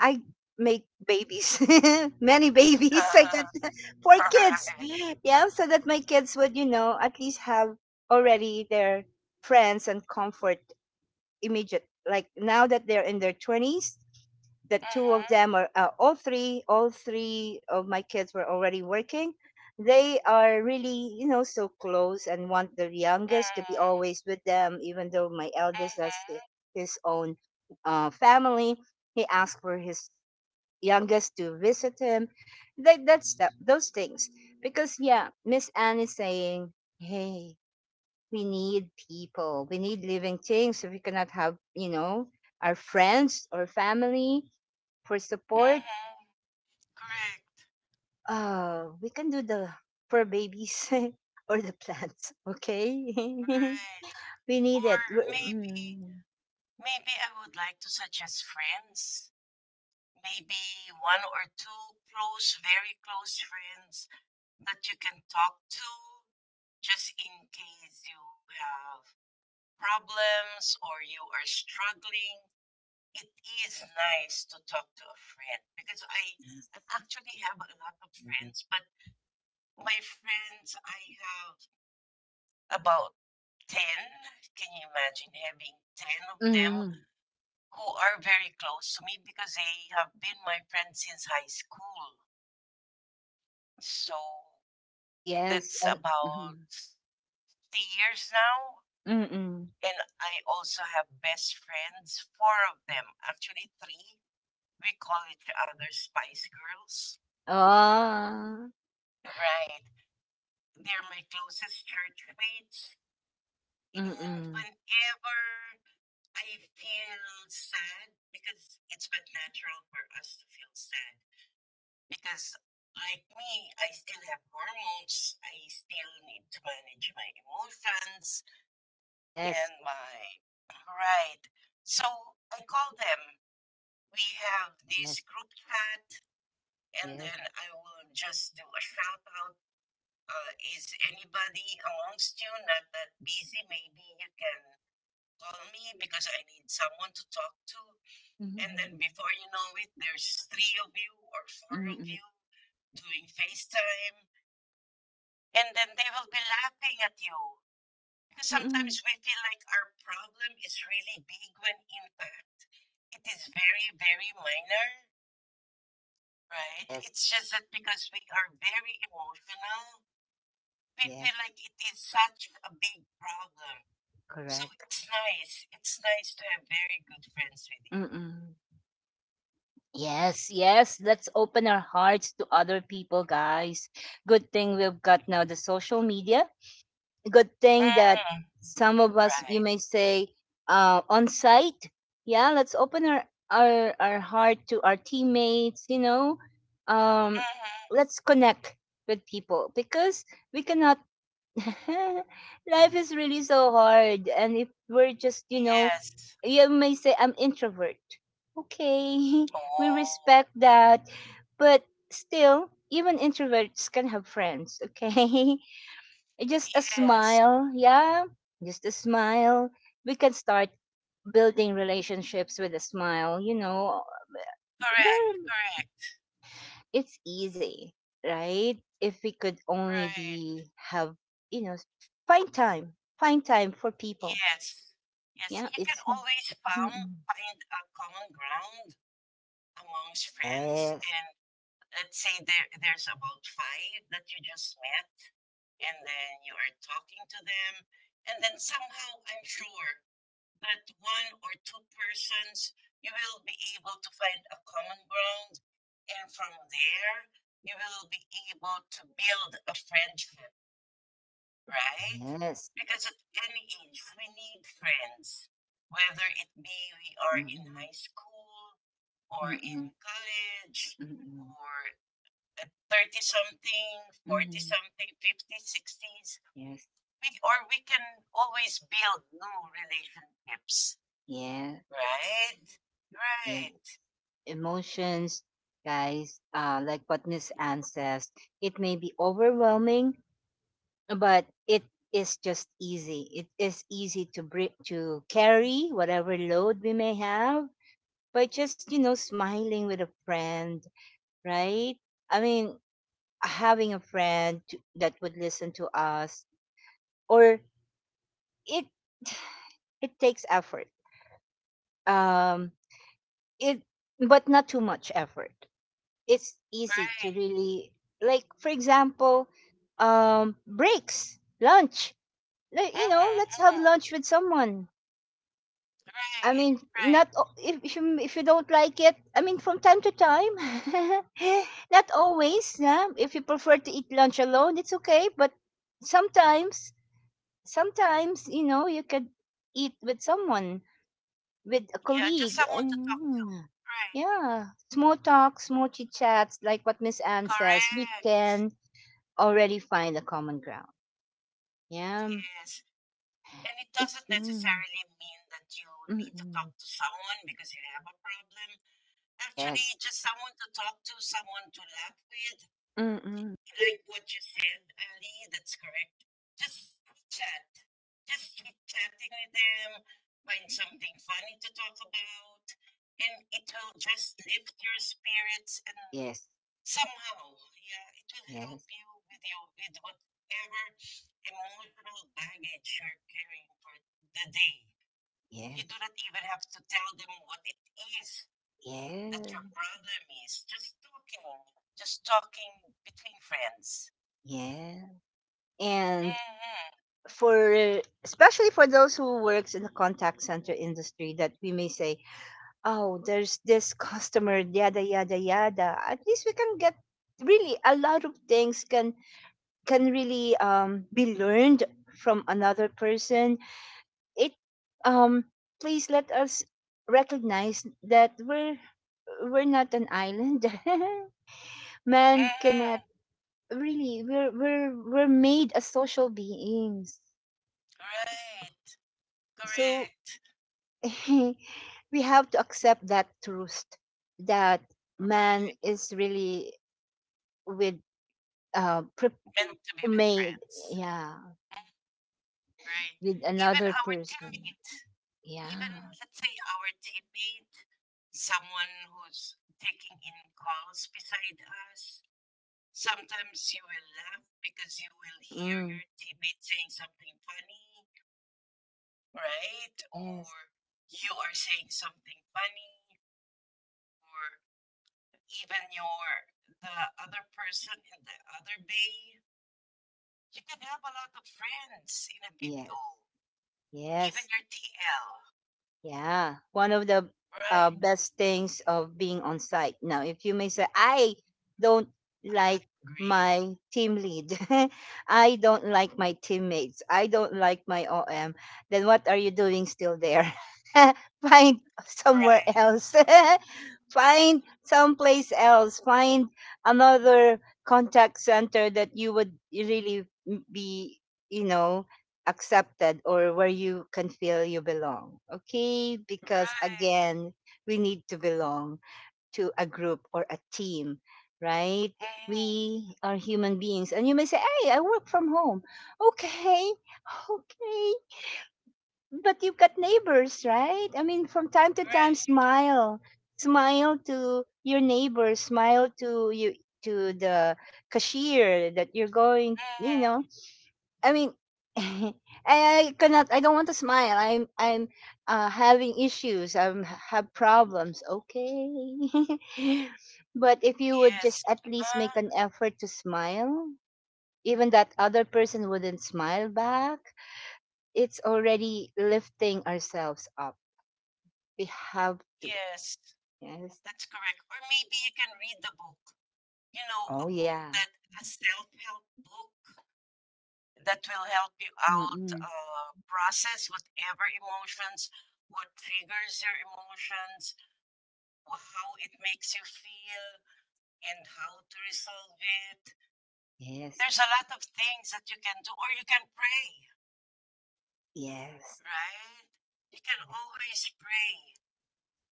[SPEAKER 1] I make babies, [laughs] many babies. I got [laughs] four kids.
[SPEAKER 2] Alright.
[SPEAKER 1] Yeah, so that my kids would, you know, at least have already their friends and comfort immediate, like now that they're in their 20s, the two of
[SPEAKER 2] Mhm.
[SPEAKER 1] them are uh, all three of my kids were already working. They are really, you know, so close and want the youngest to be
[SPEAKER 2] Mm,
[SPEAKER 1] always with them, even though my eldest has
[SPEAKER 2] mhm.
[SPEAKER 1] his own family, he asked for his youngest to visit him. That, that's that, those things because yeah, Miss Anne is saying, hey, we need people. We need living things. If we cannot have, you know, our friends or family for
[SPEAKER 2] Mm,
[SPEAKER 1] support,
[SPEAKER 2] mhm. Correct.
[SPEAKER 1] uh, we can do the for babies [laughs] or the plants. Okay, [laughs]
[SPEAKER 2] Right.
[SPEAKER 1] we need
[SPEAKER 2] Or
[SPEAKER 1] it.
[SPEAKER 2] maybe
[SPEAKER 1] We-
[SPEAKER 2] maybe I would like to suggest friends. Maybe one or two close, very close friends that you can talk to just in case you have problems or you are struggling. It is nice to talk to a friend because I actually have a lot of
[SPEAKER 1] Mm,
[SPEAKER 2] friends, but my friends, I have about 10. Can you imagine having 10 of them
[SPEAKER 1] mm,
[SPEAKER 2] who are very close to me because they have been my friends since high school? So
[SPEAKER 1] yes,
[SPEAKER 2] that's
[SPEAKER 1] and mm,
[SPEAKER 2] about 50 years now.
[SPEAKER 1] mm, mm.
[SPEAKER 2] And I also have best friends, four of them, actually three. We call each other Spice Girls.
[SPEAKER 1] Oh,
[SPEAKER 2] Right. They're my closest church mates.
[SPEAKER 1] mm,
[SPEAKER 2] And
[SPEAKER 1] mm.
[SPEAKER 2] whenever I feel sad, because it's but natural for us to feel sad, because like me, I still have hormones. I still need to manage my emotions
[SPEAKER 1] Yes,
[SPEAKER 2] and my right. So I call them. We have this
[SPEAKER 1] yes,
[SPEAKER 2] group chat, and
[SPEAKER 1] yes,
[SPEAKER 2] then I will just do a shout out. Is anybody amongst you not that busy? Maybe you can call me because I need someone to talk to. And
[SPEAKER 1] mm,
[SPEAKER 2] then before you know it, there's three of you or
[SPEAKER 1] mm,
[SPEAKER 2] four
[SPEAKER 1] mm,
[SPEAKER 2] of
[SPEAKER 1] mm,
[SPEAKER 2] you doing FaceTime. And then they will be laughing at you.
[SPEAKER 1] mm,
[SPEAKER 2] Because
[SPEAKER 1] mm.
[SPEAKER 2] sometimes we feel like our problem is really big when in fact it is very, very minor, right?
[SPEAKER 1] Yes,
[SPEAKER 2] It's just that because we are very emotional, we
[SPEAKER 1] yes,
[SPEAKER 2] feel like it is such a big problem. So
[SPEAKER 1] correct.
[SPEAKER 2] it's nice. It's nice to have very good friends with you.
[SPEAKER 1] Mm. Yes, yes. Let's open our hearts to other people, guys. Good thing we've got now the social media. Good thing that
[SPEAKER 2] Mm.
[SPEAKER 1] some of us, you
[SPEAKER 2] Right.
[SPEAKER 1] may say, on site. Yeah, let's open our, our heart to our teammates. You know, um,
[SPEAKER 2] Mhm.
[SPEAKER 1] let's connect with people because we cannot [laughs] life is really so hard, and if we're just, you know,
[SPEAKER 2] Yes.
[SPEAKER 1] you may say I'm introvert. Okay, [laughs] we
[SPEAKER 2] Oh,
[SPEAKER 1] respect that, but still, even introverts can have friends. Okay, [laughs] just a
[SPEAKER 2] yes.
[SPEAKER 1] smile, yeah, just a smile. We can start building relationships with a smile. You know,
[SPEAKER 2] Correct,
[SPEAKER 1] there
[SPEAKER 2] correct.
[SPEAKER 1] it's easy, right? If we could only
[SPEAKER 2] Right.
[SPEAKER 1] be have, you know, find time, find time for people.
[SPEAKER 2] Yes. Yes,
[SPEAKER 1] Yeah,
[SPEAKER 2] you can
[SPEAKER 1] it's
[SPEAKER 2] always found
[SPEAKER 1] mm-mm.
[SPEAKER 2] find a common ground amongst friends,
[SPEAKER 1] Yes,
[SPEAKER 2] and let's say there's about five that you just met and then you are talking to them and then somehow I'm sure that one or two persons, you will be able to find a common ground. And from there, you will be able to build a friendship, right?
[SPEAKER 1] yes,
[SPEAKER 2] Because at any age, we need friends, whether it be we are in
[SPEAKER 1] mm-mm.
[SPEAKER 2] high school or in
[SPEAKER 1] Mm-mm.
[SPEAKER 2] college
[SPEAKER 1] Mm-mm.
[SPEAKER 2] or 30 something, 40
[SPEAKER 1] Mm-mm.
[SPEAKER 2] something, 50s, 60s,
[SPEAKER 1] Yes,
[SPEAKER 2] we, or we can always build new relationships.
[SPEAKER 1] yeah,
[SPEAKER 2] Right,
[SPEAKER 1] yes.
[SPEAKER 2] right,
[SPEAKER 1] Emotions, guys. Like what Miss Ann says, it may be overwhelming, but it is just easy. It is easy to bring to carry whatever load we may have by just, smiling with a friend, right? I mean, having a friend that would listen to us, or it it takes effort. Um it but not too much effort. It's easy to
[SPEAKER 2] right.
[SPEAKER 1] really, like, for example, breaks, lunch. Like,
[SPEAKER 2] Mm,
[SPEAKER 1] let's have
[SPEAKER 2] mm,
[SPEAKER 1] lunch with someone. I
[SPEAKER 2] right,
[SPEAKER 1] mean,
[SPEAKER 2] right.
[SPEAKER 1] not o- if you don't like it. I mean, from time to time, [laughs] not always. Yeah? If you prefer to eat lunch alone, it's okay. But sometimes, sometimes you could eat with someone, with a
[SPEAKER 2] Yeah, just
[SPEAKER 1] colleague,
[SPEAKER 2] someone
[SPEAKER 1] and
[SPEAKER 2] to talk to.
[SPEAKER 1] mm,
[SPEAKER 2] Right,
[SPEAKER 1] yeah, small talks, small chit chats, like what Miss Anne says. We
[SPEAKER 2] correct.
[SPEAKER 1] can already find a common ground. Yeah,
[SPEAKER 2] Yes. And it
[SPEAKER 1] it's
[SPEAKER 2] doesn't
[SPEAKER 1] mm,
[SPEAKER 2] necessarily mean that you
[SPEAKER 1] mm,
[SPEAKER 2] need to talk
[SPEAKER 1] mm.
[SPEAKER 2] to someone because you have a problem. Actually,
[SPEAKER 1] Yes,
[SPEAKER 2] just someone to talk to, someone to laugh with,
[SPEAKER 1] mm, mm.
[SPEAKER 2] like what you said, Ali, that's correct. Just chat. Just keep chatting with them. Find something funny to talk about. And it will just lift your spirits and
[SPEAKER 1] Yes,
[SPEAKER 2] somehow, yeah, it will help
[SPEAKER 1] yes,
[SPEAKER 2] you with your with whatever emotional baggage you're carrying for the day. You do
[SPEAKER 1] yes.
[SPEAKER 2] not even have to tell them what it is that
[SPEAKER 1] Yeah,
[SPEAKER 2] your problem is. Just talking. Just talking between friends.
[SPEAKER 1] yeah.
[SPEAKER 2] Mm.
[SPEAKER 1] And
[SPEAKER 2] Mhm,
[SPEAKER 1] for especially for those who works in the contact center industry that we may say, "Oh, there's this customer yada yada yada." At least we can get really a lot of things can really be learned from another person. It um Please let us recognize that we're not an island. [laughs] Man cannot
[SPEAKER 2] mhm.
[SPEAKER 1] really, we're made as social beings,
[SPEAKER 2] Right.
[SPEAKER 1] so
[SPEAKER 2] Correct.
[SPEAKER 1] [laughs] we have to accept that truth, that man
[SPEAKER 2] Right.
[SPEAKER 1] is really with uh pre-
[SPEAKER 2] Meant to be with
[SPEAKER 1] made.
[SPEAKER 2] friends.
[SPEAKER 1] Yeah,
[SPEAKER 2] Mm, right.
[SPEAKER 1] with
[SPEAKER 2] Even
[SPEAKER 1] another
[SPEAKER 2] our
[SPEAKER 1] person.
[SPEAKER 2] teammate, even
[SPEAKER 1] Yeah,
[SPEAKER 2] let's say our teammate, someone who's taking in calls beside us, sometimes you will laugh because you will hear
[SPEAKER 1] mm,
[SPEAKER 2] your teammate saying something funny, right?
[SPEAKER 1] yes,
[SPEAKER 2] Or you are saying something funny, or even your the other person in the other bay, you can have a lot of friends in a
[SPEAKER 1] yes,
[SPEAKER 2] BPO, even
[SPEAKER 1] yes.
[SPEAKER 2] your TL.
[SPEAKER 1] Yeah, one of the
[SPEAKER 2] Right.
[SPEAKER 1] best things of being on site. Now, if you may say, I don't
[SPEAKER 2] I
[SPEAKER 1] like
[SPEAKER 2] agree.
[SPEAKER 1] my team lead, [laughs] I don't like my teammates, I don't like my OM, then what are you doing still there? [laughs] Find somewhere
[SPEAKER 2] Right.
[SPEAKER 1] else. [laughs] Find someplace else. Find another contact center that you would really be, you know, accepted, or where you can feel you belong. Okay? Because
[SPEAKER 2] Right.
[SPEAKER 1] again, we need to belong to a group or a team, right?
[SPEAKER 2] Mm,
[SPEAKER 1] We are human beings. And you may say, hey, I work from home. Okay, okay. But you've got neighbors, right? I mean, from time to time,
[SPEAKER 2] right.
[SPEAKER 1] smile. Smile to your neighbors, smile to the cashier that you're going, you
[SPEAKER 2] Mm,
[SPEAKER 1] know, I mean, [laughs] I, I cannot. I don't want to smile. I'm having issues. I'm have problems. Okay, [laughs] but if you would just
[SPEAKER 2] yes.
[SPEAKER 1] at least make an
[SPEAKER 2] Uh,
[SPEAKER 1] effort to smile, even that other person wouldn't smile back. It's already lifting ourselves up. We have to.
[SPEAKER 2] yes.
[SPEAKER 1] Yes.
[SPEAKER 2] That's correct. Or maybe you can read the book. You know, a
[SPEAKER 1] Oh
[SPEAKER 2] book
[SPEAKER 1] yeah.
[SPEAKER 2] that a self help book that will help you out
[SPEAKER 1] Mm-mm.
[SPEAKER 2] process whatever emotions, what triggers your emotions, how it makes you feel, and how to resolve it.
[SPEAKER 1] Yes.
[SPEAKER 2] There's a lot of things that you can do, or you can pray,
[SPEAKER 1] Yes.
[SPEAKER 2] right? You can always pray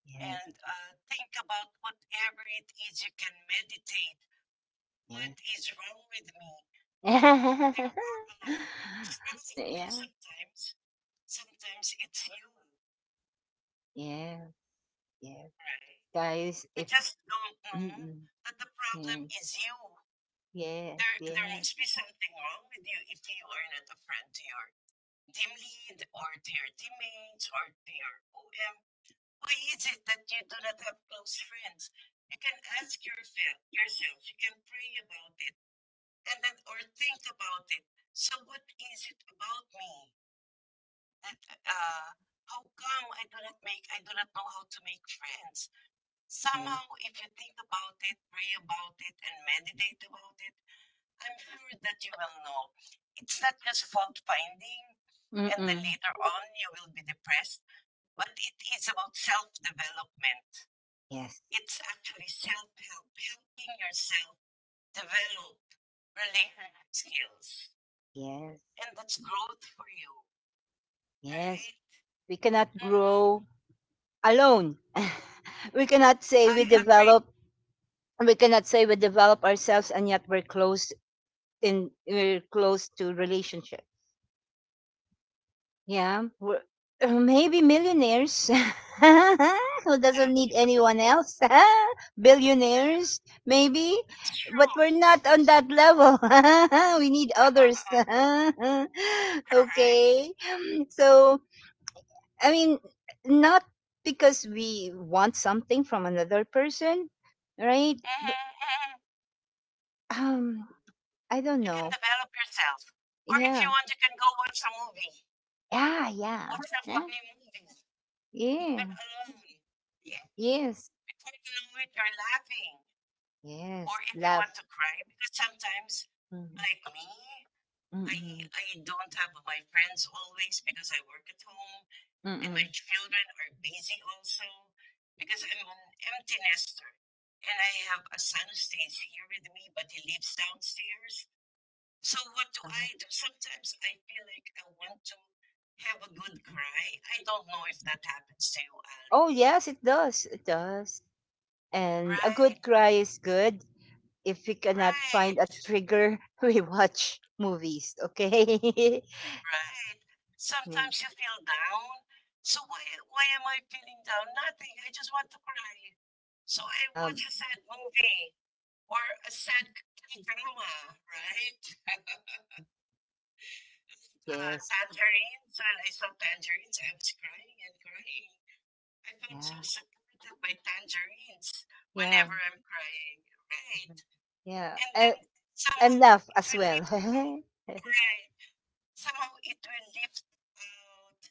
[SPEAKER 1] Yes.
[SPEAKER 2] and think about whatever it is. You can meditate. What
[SPEAKER 1] Yes.
[SPEAKER 2] is wrong with me? There are a
[SPEAKER 1] [laughs]
[SPEAKER 2] lot of things,
[SPEAKER 1] Yes.
[SPEAKER 2] right?
[SPEAKER 1] Yeah.
[SPEAKER 2] Because sometimes, sometimes it's you,
[SPEAKER 1] Yes. Yes,
[SPEAKER 2] right?
[SPEAKER 1] guys.
[SPEAKER 2] I
[SPEAKER 1] If
[SPEAKER 2] just don't know
[SPEAKER 1] Mm-mm,
[SPEAKER 2] that the problem
[SPEAKER 1] yes,
[SPEAKER 2] is you.
[SPEAKER 1] yes,
[SPEAKER 2] There
[SPEAKER 1] yes,
[SPEAKER 2] must be something wrong with you if you are not a friend to your team lead or to your teammates or to your OM. Why is it that you do not have close friends? You can ask yourself, yourself. You can pray about it, and then or think about it. So, what is it about me that
[SPEAKER 1] yes,
[SPEAKER 2] uh, how come I do not make, I do not know how to make friends?
[SPEAKER 1] yes,
[SPEAKER 2] Somehow, if you think about it, pray about it, and meditate about it, I'm sure that you will know. It's not just fault finding, and then
[SPEAKER 1] mm-mm,
[SPEAKER 2] later on you will be depressed, but it is about self development.
[SPEAKER 1] yes,
[SPEAKER 2] It's actually self help, helping yourself develop relationship skills.
[SPEAKER 1] yes,
[SPEAKER 2] And that's growth for you,
[SPEAKER 1] yes,
[SPEAKER 2] right?
[SPEAKER 1] we cannot grow
[SPEAKER 2] Mhm.
[SPEAKER 1] alone. [laughs] We cannot say we
[SPEAKER 2] I agree.
[SPEAKER 1] develop. We cannot say we develop ourselves, and yet we're close in we're close to relationship. Yeah. Maybe millionaires [laughs] who doesn't need
[SPEAKER 2] That's
[SPEAKER 1] anyone else. [laughs] Billionaires, maybe. But
[SPEAKER 2] true.
[SPEAKER 1] we're not on that level. [laughs] We need others.
[SPEAKER 2] [laughs]
[SPEAKER 1] [laughs]
[SPEAKER 2] Right.
[SPEAKER 1] Okay. So, I mean, not because we want something from another person, right?
[SPEAKER 2] Mhm, mhm.
[SPEAKER 1] Um, I don't
[SPEAKER 2] You can
[SPEAKER 1] know.
[SPEAKER 2] develop yourself. Or if
[SPEAKER 1] Yeah.
[SPEAKER 2] you want, you can go watch a movie.
[SPEAKER 1] Yeah, yeah.
[SPEAKER 2] Watch a
[SPEAKER 1] Yeah.
[SPEAKER 2] funny movie, even
[SPEAKER 1] Yeah.
[SPEAKER 2] alone. Yeah.
[SPEAKER 1] Yes.
[SPEAKER 2] Before you know it, you're laughing.
[SPEAKER 1] Yes.
[SPEAKER 2] Or if you
[SPEAKER 1] Love.
[SPEAKER 2] want to cry, because sometimes,
[SPEAKER 1] Mm-hmm.
[SPEAKER 2] like me, I
[SPEAKER 1] Mm-hmm.
[SPEAKER 2] I don't have my friends always because I work at home and my
[SPEAKER 1] Mm.
[SPEAKER 2] children are busy also because I'm an empty nester and I have a son who stays here with me, but he lives downstairs. So what do
[SPEAKER 1] Uh-huh.
[SPEAKER 2] I do? Sometimes I feel like I want to have a good cry. I don't know if that happens to you, Ali.
[SPEAKER 1] Oh, yes, it does. It does. And a
[SPEAKER 2] Right,
[SPEAKER 1] good cry is good. If we cannot find a
[SPEAKER 2] right,
[SPEAKER 1] trigger, [laughs] we watch movies, okay? [laughs]
[SPEAKER 2] right.
[SPEAKER 1] Yeah.
[SPEAKER 2] Sometimes you feel down. So why am I feeling down? Nothing. I just want to cry. So I
[SPEAKER 1] Yeah.
[SPEAKER 2] watch a sad movie or a sad drama, right? [laughs]
[SPEAKER 1] Mm. Yes.
[SPEAKER 2] Tangerines. And I saw tangerines. I was crying and crying. I felt so
[SPEAKER 1] Yeah.
[SPEAKER 2] supported by tangerines
[SPEAKER 1] Yeah.
[SPEAKER 2] whenever I'm crying, right?
[SPEAKER 1] Mhm. Yeah.
[SPEAKER 2] And then
[SPEAKER 1] And,
[SPEAKER 2] somehow
[SPEAKER 1] and laugh
[SPEAKER 2] it
[SPEAKER 1] as
[SPEAKER 2] will
[SPEAKER 1] well.
[SPEAKER 2] lift out,
[SPEAKER 1] [laughs]
[SPEAKER 2] right? Somehow it will lift out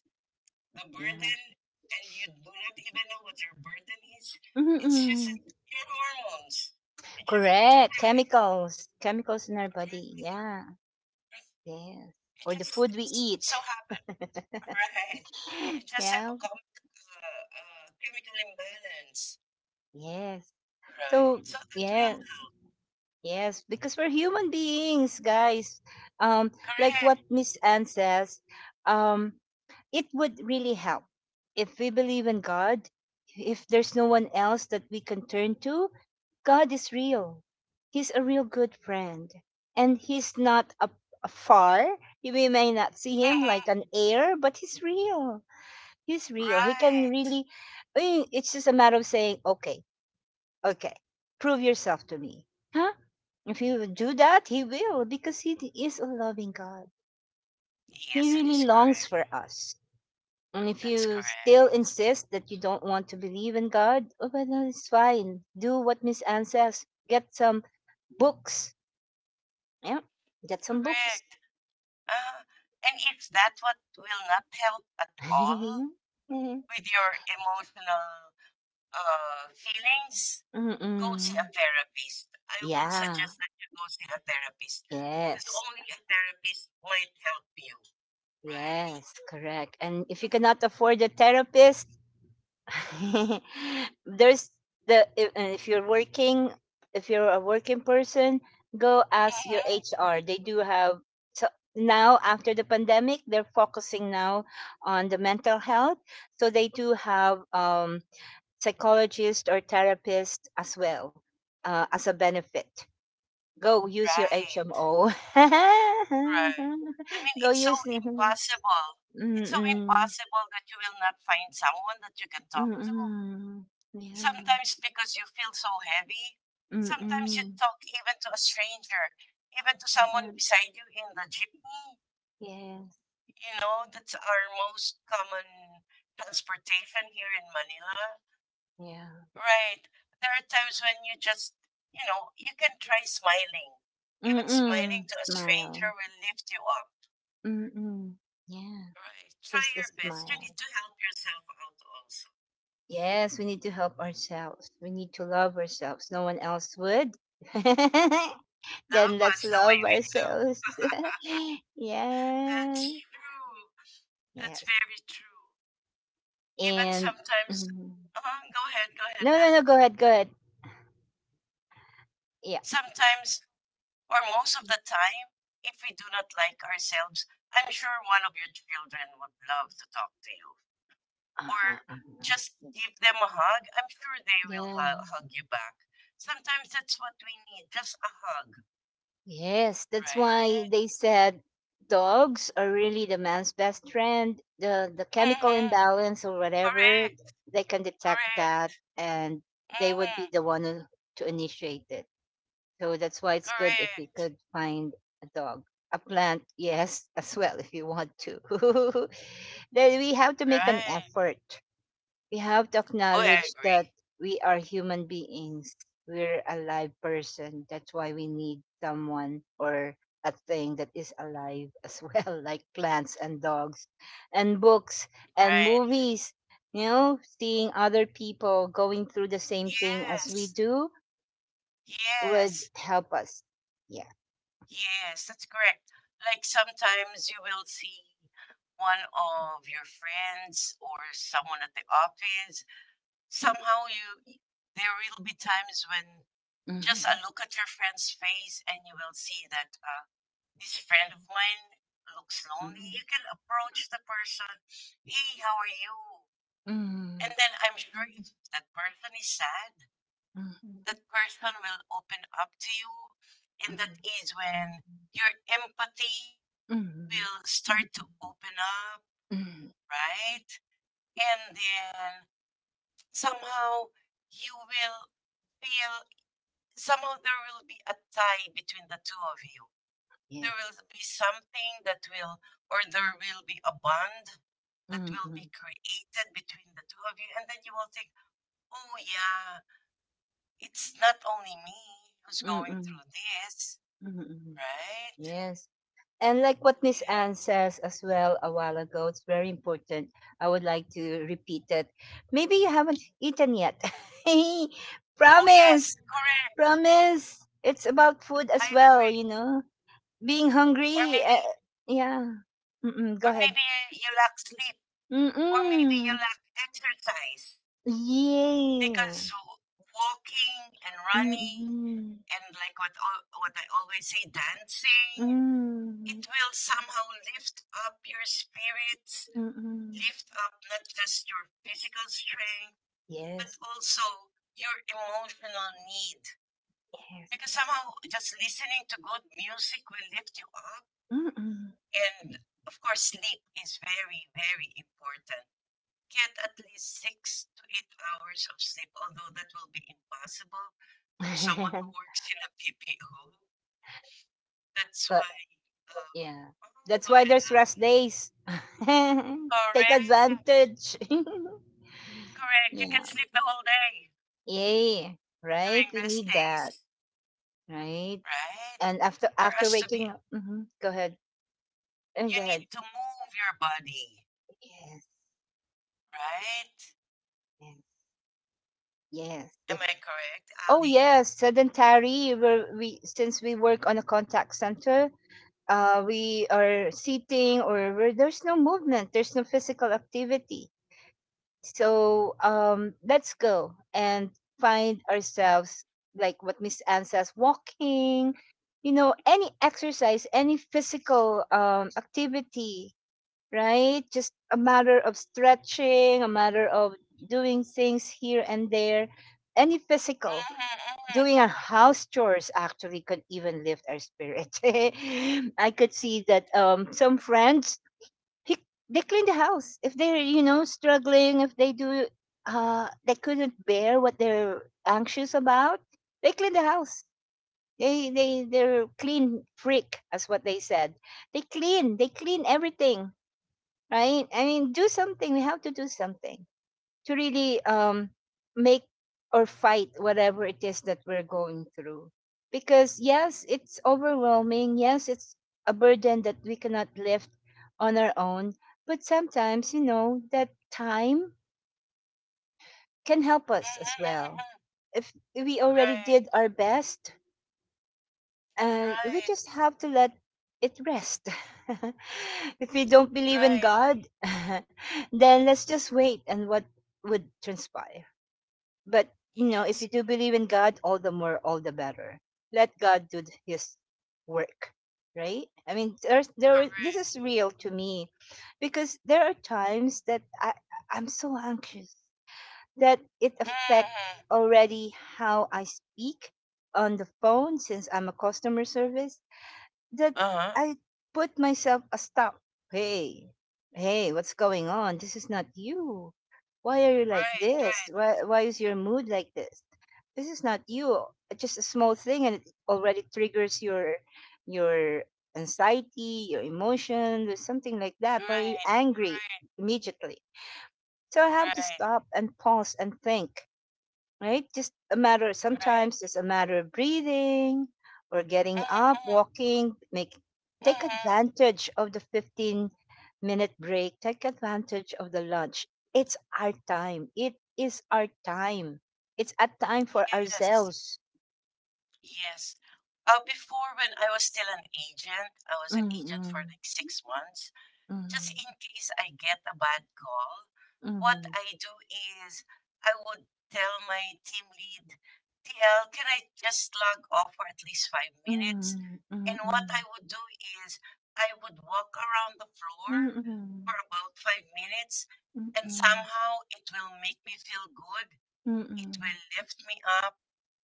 [SPEAKER 2] the
[SPEAKER 1] Yeah.
[SPEAKER 2] burden, and you do not even know what your burden is. It's just
[SPEAKER 1] Mm-mm.
[SPEAKER 2] that your hormones. I just want to
[SPEAKER 1] Correct.
[SPEAKER 2] cry.
[SPEAKER 1] Chemicals. Chemicals in our body.
[SPEAKER 2] Right?
[SPEAKER 1] Yeah. Yes.
[SPEAKER 2] It
[SPEAKER 1] Or the
[SPEAKER 2] just
[SPEAKER 1] food we
[SPEAKER 2] it's
[SPEAKER 1] eat.
[SPEAKER 2] so happened,
[SPEAKER 1] [laughs]
[SPEAKER 2] right? You just have a
[SPEAKER 1] Yeah.
[SPEAKER 2] chemical imbalance,
[SPEAKER 1] Yes.
[SPEAKER 2] right?
[SPEAKER 1] So,
[SPEAKER 2] So that will
[SPEAKER 1] yes.
[SPEAKER 2] help.
[SPEAKER 1] Yes, because we're human beings, guys. Um, like
[SPEAKER 2] Correct.
[SPEAKER 1] what Miss Anne says, um, it would really help if we believe in God. If there's no one else that we can turn to, God is real. He's a real good friend, and He's not a far. We may not see Him like
[SPEAKER 2] Mhm.
[SPEAKER 1] an air, but He's real. He's real. He can
[SPEAKER 2] Right.
[SPEAKER 1] really. It's just a matter of saying, "Okay, okay, prove yourself to me." Huh? If you do that, He will, because He is a loving God. He
[SPEAKER 2] Yes, it is
[SPEAKER 1] really longs
[SPEAKER 2] correct.
[SPEAKER 1] for us. And if
[SPEAKER 2] That's
[SPEAKER 1] you still
[SPEAKER 2] correct.
[SPEAKER 1] insist that you don't want to believe in God, oh, well, no, it's fine. Do what Miss Anne says. Get some books. Yeah, get some books.
[SPEAKER 2] Correct. Uh, and if that what will not help at all
[SPEAKER 1] [laughs]
[SPEAKER 2] with your emotional feelings, go see a
[SPEAKER 1] Mm-mm.
[SPEAKER 2] therapist. I would
[SPEAKER 1] Yeah,
[SPEAKER 2] suggest that you go see a therapist because
[SPEAKER 1] yes,
[SPEAKER 2] only a therapist might help you, right?
[SPEAKER 1] yes, correct. And if you cannot afford a therapist, [laughs] there's the if, and if you're working if you're a working person, go ask your
[SPEAKER 2] Mhm.
[SPEAKER 1] HR. They do have, so now after the pandemic, they're focusing now on the mental health, so they do have, psychologist or therapist as well, as a benefit. Go use your
[SPEAKER 2] Right.
[SPEAKER 1] HMO.
[SPEAKER 2] Right. I mean,
[SPEAKER 1] [laughs] Go
[SPEAKER 2] it's so
[SPEAKER 1] use
[SPEAKER 2] impossible. It's so
[SPEAKER 1] Mm-mm.
[SPEAKER 2] impossible that you will not find someone that you can talk to.
[SPEAKER 1] Mm-mm. yeah
[SPEAKER 2] Sometimes because you feel so heavy. Sometimes you
[SPEAKER 1] Mm-mm.
[SPEAKER 2] talk even to a stranger, even to someone beside you in the jeepney.
[SPEAKER 1] Yes,
[SPEAKER 2] You know, that's our most common transportation here in Manila.
[SPEAKER 1] yeah.
[SPEAKER 2] Right. There are times when you just, you know, you can try smiling. Even smiling
[SPEAKER 1] Mm-mm.
[SPEAKER 2] to a stranger
[SPEAKER 1] Smile.
[SPEAKER 2] will lift you up.
[SPEAKER 1] Mm-mm. Yeah,
[SPEAKER 2] Right. Try
[SPEAKER 1] just a
[SPEAKER 2] your best. You need
[SPEAKER 1] smile.
[SPEAKER 2] to help yourself out also.
[SPEAKER 1] Yes, we need to help ourselves. We need to love ourselves. No one else would. [laughs]
[SPEAKER 2] Love
[SPEAKER 1] then let's
[SPEAKER 2] us the way
[SPEAKER 1] love
[SPEAKER 2] we do.
[SPEAKER 1] ourselves.
[SPEAKER 2] [laughs]
[SPEAKER 1] [laughs] yeah.
[SPEAKER 2] That's true. That's
[SPEAKER 1] Yes.
[SPEAKER 2] very true. Even
[SPEAKER 1] And
[SPEAKER 2] sometimes,
[SPEAKER 1] mm,
[SPEAKER 2] go ahead,
[SPEAKER 1] no, no,
[SPEAKER 2] Ali.
[SPEAKER 1] no. Go ahead. Go ahead. Yeah.
[SPEAKER 2] Sometimes, or most of the time, if we do not like ourselves, I'm sure one of your children would love to talk to you.
[SPEAKER 1] Uh,
[SPEAKER 2] Or
[SPEAKER 1] uh, uh,
[SPEAKER 2] just give them a hug. I'm sure they will
[SPEAKER 1] Yeah.
[SPEAKER 2] hug you back. Sometimes that's what we need, just a hug.
[SPEAKER 1] Yes, that's why
[SPEAKER 2] Right.
[SPEAKER 1] they said dogs are really the man's best friend. The chemical
[SPEAKER 2] Mm-hmm.
[SPEAKER 1] imbalance or whatever,
[SPEAKER 2] Correct,
[SPEAKER 1] they can detect that
[SPEAKER 2] correct.
[SPEAKER 1] and they would be
[SPEAKER 2] Mhm,
[SPEAKER 1] the one who- to initiate it. So that's why it's good if you
[SPEAKER 2] correct.
[SPEAKER 1] could find a dog. A plant, [laughs] yes, as well if you want to. [laughs] then we have to make an
[SPEAKER 2] Right.
[SPEAKER 1] effort we have to
[SPEAKER 2] Oh, I
[SPEAKER 1] acknowledge that
[SPEAKER 2] agree.
[SPEAKER 1] we are human beings. We're a live person. That's why we need someone or a thing that is alive as well, [laughs] like plants and dogs and books and
[SPEAKER 2] Right.
[SPEAKER 1] movies. You know, seeing other people going through the same thing as we
[SPEAKER 2] Yes,
[SPEAKER 1] do would
[SPEAKER 2] yes,
[SPEAKER 1] help us. Yeah.
[SPEAKER 2] yes, that's correct. Like sometimes you will see one of your friends or someone at the office. Somehow you, there will be times when just a
[SPEAKER 1] Mhm,
[SPEAKER 2] look at your friend's face and you will see that this friend of mine looks lonely. You
[SPEAKER 1] mhm,
[SPEAKER 2] can approach the person, hey, how are you? And
[SPEAKER 1] mhm,
[SPEAKER 2] then I'm sure if that person is sad,
[SPEAKER 1] mhm,
[SPEAKER 2] that person will open up to you. And that is when your empathy
[SPEAKER 1] mhm, mhm,
[SPEAKER 2] will start to open up,
[SPEAKER 1] mhm.
[SPEAKER 2] right? And then somehow you will feel, somehow there will be a tie between the two of you.
[SPEAKER 1] Yes.
[SPEAKER 2] There will be something that will, or there will be a bond that will be
[SPEAKER 1] Mhm,
[SPEAKER 2] created between the two of you. And then you will think, oh, yeah, it's not only me who's going
[SPEAKER 1] mhm,
[SPEAKER 2] through this,
[SPEAKER 1] mhm, mhm.
[SPEAKER 2] right?
[SPEAKER 1] Yes. And like what Miss Anne
[SPEAKER 2] Yeah.
[SPEAKER 1] says as well a while ago, it's very important. I would like to repeat it. Maybe you haven't eaten yet. [laughs]
[SPEAKER 2] Oh, yes,
[SPEAKER 1] promise,
[SPEAKER 2] correct.
[SPEAKER 1] promise. It's about food as
[SPEAKER 2] I
[SPEAKER 1] well,
[SPEAKER 2] agree.
[SPEAKER 1] you know. Being
[SPEAKER 2] Or
[SPEAKER 1] hungry.
[SPEAKER 2] maybe,
[SPEAKER 1] Yeah. Mm-mm, go
[SPEAKER 2] or
[SPEAKER 1] ahead.
[SPEAKER 2] maybe you lack sleep, or maybe you
[SPEAKER 1] Mm-mm.
[SPEAKER 2] lack exercise
[SPEAKER 1] Yeah.
[SPEAKER 2] because walking and running
[SPEAKER 1] Mm-mm.
[SPEAKER 2] and like what what I always say, dancing, it
[SPEAKER 1] Mm-mm.
[SPEAKER 2] will somehow lift up your spirits,
[SPEAKER 1] Mm-mm.
[SPEAKER 2] lift up not just your physical strength, but
[SPEAKER 1] Yes.
[SPEAKER 2] also your emotional need.
[SPEAKER 1] Yes.
[SPEAKER 2] Because somehow just listening to good music will lift you up.
[SPEAKER 1] Mm-mm.
[SPEAKER 2] And of course, sleep is very, very important. Get at least 6 to 8 hours of sleep, although that will be impossible for someone who works in a PPO. That's
[SPEAKER 1] [laughs]
[SPEAKER 2] why, um,
[SPEAKER 1] Yeah.
[SPEAKER 2] oh, go
[SPEAKER 1] That's why
[SPEAKER 2] ahead,
[SPEAKER 1] there's
[SPEAKER 2] Ali.
[SPEAKER 1] rest days. [laughs] Take
[SPEAKER 2] Correct,
[SPEAKER 1] advantage. [laughs]
[SPEAKER 2] correct. You can
[SPEAKER 1] yeah.
[SPEAKER 2] sleep the whole day
[SPEAKER 1] Yay. Right?
[SPEAKER 2] during
[SPEAKER 1] We
[SPEAKER 2] rest
[SPEAKER 1] need that.
[SPEAKER 2] days,
[SPEAKER 1] Right?
[SPEAKER 2] right?
[SPEAKER 1] And after
[SPEAKER 2] For
[SPEAKER 1] after
[SPEAKER 2] us to be
[SPEAKER 1] waking up, hmm
[SPEAKER 2] emotionally
[SPEAKER 1] go ahead.
[SPEAKER 2] stable, you
[SPEAKER 1] Go ahead.
[SPEAKER 2] need to move your body,
[SPEAKER 1] Yes.
[SPEAKER 2] right?
[SPEAKER 1] Yes. Yes.
[SPEAKER 2] Am
[SPEAKER 1] If,
[SPEAKER 2] I correct,
[SPEAKER 1] oh
[SPEAKER 2] Ali?
[SPEAKER 1] yes, sedentary. We're, we since we work on a contact center, we are sitting or we're, there's no movement. There's no physical activity. So let's go and find ourselves like what Miss Anne says, walking, you know, any exercise, any physical activity, right? Just a matter of stretching, a matter of doing things here and there. Any physical,
[SPEAKER 2] Mm-hmm, mm-hmm,
[SPEAKER 1] doing our
[SPEAKER 2] mm-hmm,
[SPEAKER 1] house chores actually could even lift our spirit. [laughs] I could see that some friends he, they clean the house if they're you know struggling if they do they couldn't bear what they're anxious about they clean the house they they're clean freak as what they said they clean everything right I mean do something we have to do something to really make or fight whatever it is that we're going through because yes it's overwhelming yes it's a burden that we cannot lift on our own but sometimes you know that time can help us as well
[SPEAKER 2] mm-hmm.
[SPEAKER 1] if we already
[SPEAKER 2] Right,
[SPEAKER 1] did our best we
[SPEAKER 2] right,
[SPEAKER 1] just have to let it rest [laughs] if we don't believe in
[SPEAKER 2] right.
[SPEAKER 1] god [laughs] then let's just wait and what would transpire But you know, if you
[SPEAKER 2] Yes,
[SPEAKER 1] do believe in God, all the more, all the better. Let God do th- His work, right? I mean, there's there. Were- This
[SPEAKER 2] correct.
[SPEAKER 1] is real to me, because there are times that I I'm so anxious that it affects
[SPEAKER 2] Mm-hmm.
[SPEAKER 1] already how I speak on the phone since I'm a customer service that
[SPEAKER 2] Uh-huh.
[SPEAKER 1] I put myself a stop. Hey, hey, what's going on? This is not you. Why are you like
[SPEAKER 2] Right,
[SPEAKER 1] this?
[SPEAKER 2] right,
[SPEAKER 1] Why is your mood like this? This is not you. Just a small thing, and it already triggers your anxiety, your emotion, or something like that. Why are you
[SPEAKER 2] right,
[SPEAKER 1] angry
[SPEAKER 2] right,
[SPEAKER 1] immediately? So I have to
[SPEAKER 2] right,
[SPEAKER 1] stop and pause and think right? Just a matter, sometimes
[SPEAKER 2] right.
[SPEAKER 1] it's a matter of breathing or getting
[SPEAKER 2] Mm-hmm,
[SPEAKER 1] up, walking, make, take
[SPEAKER 2] mm-hmm.
[SPEAKER 1] advantage of the 15-minute break, take advantage of the lunch. It's our time. It is our time. It's a time for
[SPEAKER 2] Yes,
[SPEAKER 1] ourselves.
[SPEAKER 2] yes. Before, when I was still an agent, I was an agent for
[SPEAKER 1] Mm-mm,
[SPEAKER 2] like 6 months. Just
[SPEAKER 1] mm-mm,
[SPEAKER 2] in case I get a bad call, what I do is I would tell my team lead, TL, can I just log off for at least 5 minutes? And what
[SPEAKER 1] mm-mm,
[SPEAKER 2] I would do is I would walk around the
[SPEAKER 1] mm-mm,
[SPEAKER 2] floor
[SPEAKER 1] mm-mm,
[SPEAKER 2] for about 5 minutes, and somehow it will make me feel good.
[SPEAKER 1] mm-mm,
[SPEAKER 2] It
[SPEAKER 1] mm-mm,
[SPEAKER 2] will lift me up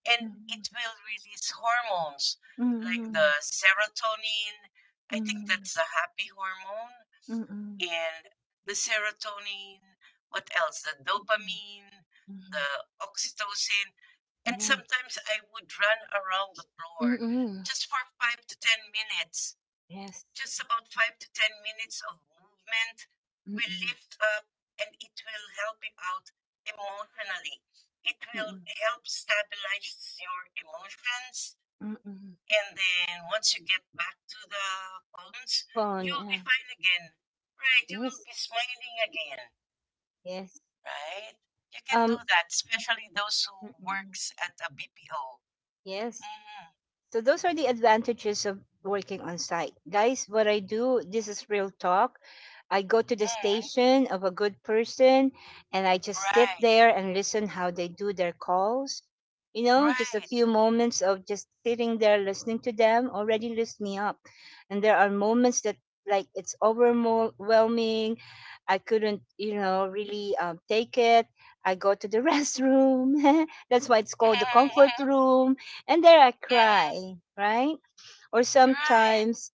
[SPEAKER 2] and
[SPEAKER 1] mm-mm,
[SPEAKER 2] it will release hormones like
[SPEAKER 1] mm-mm,
[SPEAKER 2] the serotonin. I think
[SPEAKER 1] mm-mm,
[SPEAKER 2] that's the happy hormone
[SPEAKER 1] mm-mm, mm-mm,
[SPEAKER 2] and the serotonin, what else? The dopamine,
[SPEAKER 1] mm-mm.
[SPEAKER 2] the oxytocin. And
[SPEAKER 1] Yeah.
[SPEAKER 2] sometimes I would run around the floor
[SPEAKER 1] Mm-mm.
[SPEAKER 2] just for five to 10 minutes,
[SPEAKER 1] Yes.
[SPEAKER 2] just about five to 10 minutes of movement will
[SPEAKER 1] Mm-mm.
[SPEAKER 2] lift up and it will help you out emotionally. It will
[SPEAKER 1] Mm-mm.
[SPEAKER 2] help stabilize your emotions
[SPEAKER 1] Mm-mm.
[SPEAKER 2] and then once you get back to the homes,
[SPEAKER 1] Phone.
[SPEAKER 2] you'll be
[SPEAKER 1] Yeah.
[SPEAKER 2] fine again. Right? You will
[SPEAKER 1] Yes.
[SPEAKER 2] be smiling again.
[SPEAKER 1] Yes.
[SPEAKER 2] Right? You can do
[SPEAKER 1] Um.
[SPEAKER 2] that, especially those who
[SPEAKER 1] Mm-mm.
[SPEAKER 2] works at a BPO.
[SPEAKER 1] Yes.
[SPEAKER 2] Mm-hmm.
[SPEAKER 1] So those are the advantages of working on site. Guys, what I do, this is real talk. I go to the
[SPEAKER 2] Mm-hmm.
[SPEAKER 1] station of a good person and I just sit
[SPEAKER 2] Right.
[SPEAKER 1] there and listen how they do their calls. You know, just a
[SPEAKER 2] Right.
[SPEAKER 1] few moments of just sitting there listening to them already lifts me up. And there are moments that like it's overwhelming. I couldn't, you know, really take it. I go to the [laughs] restroom. [laughs] That's why it's called the comfort
[SPEAKER 2] Mm-hmm.
[SPEAKER 1] room and there I
[SPEAKER 2] Mm-hmm. Mm-hmm.
[SPEAKER 1] cry, right? Or
[SPEAKER 2] Right.
[SPEAKER 1] sometimes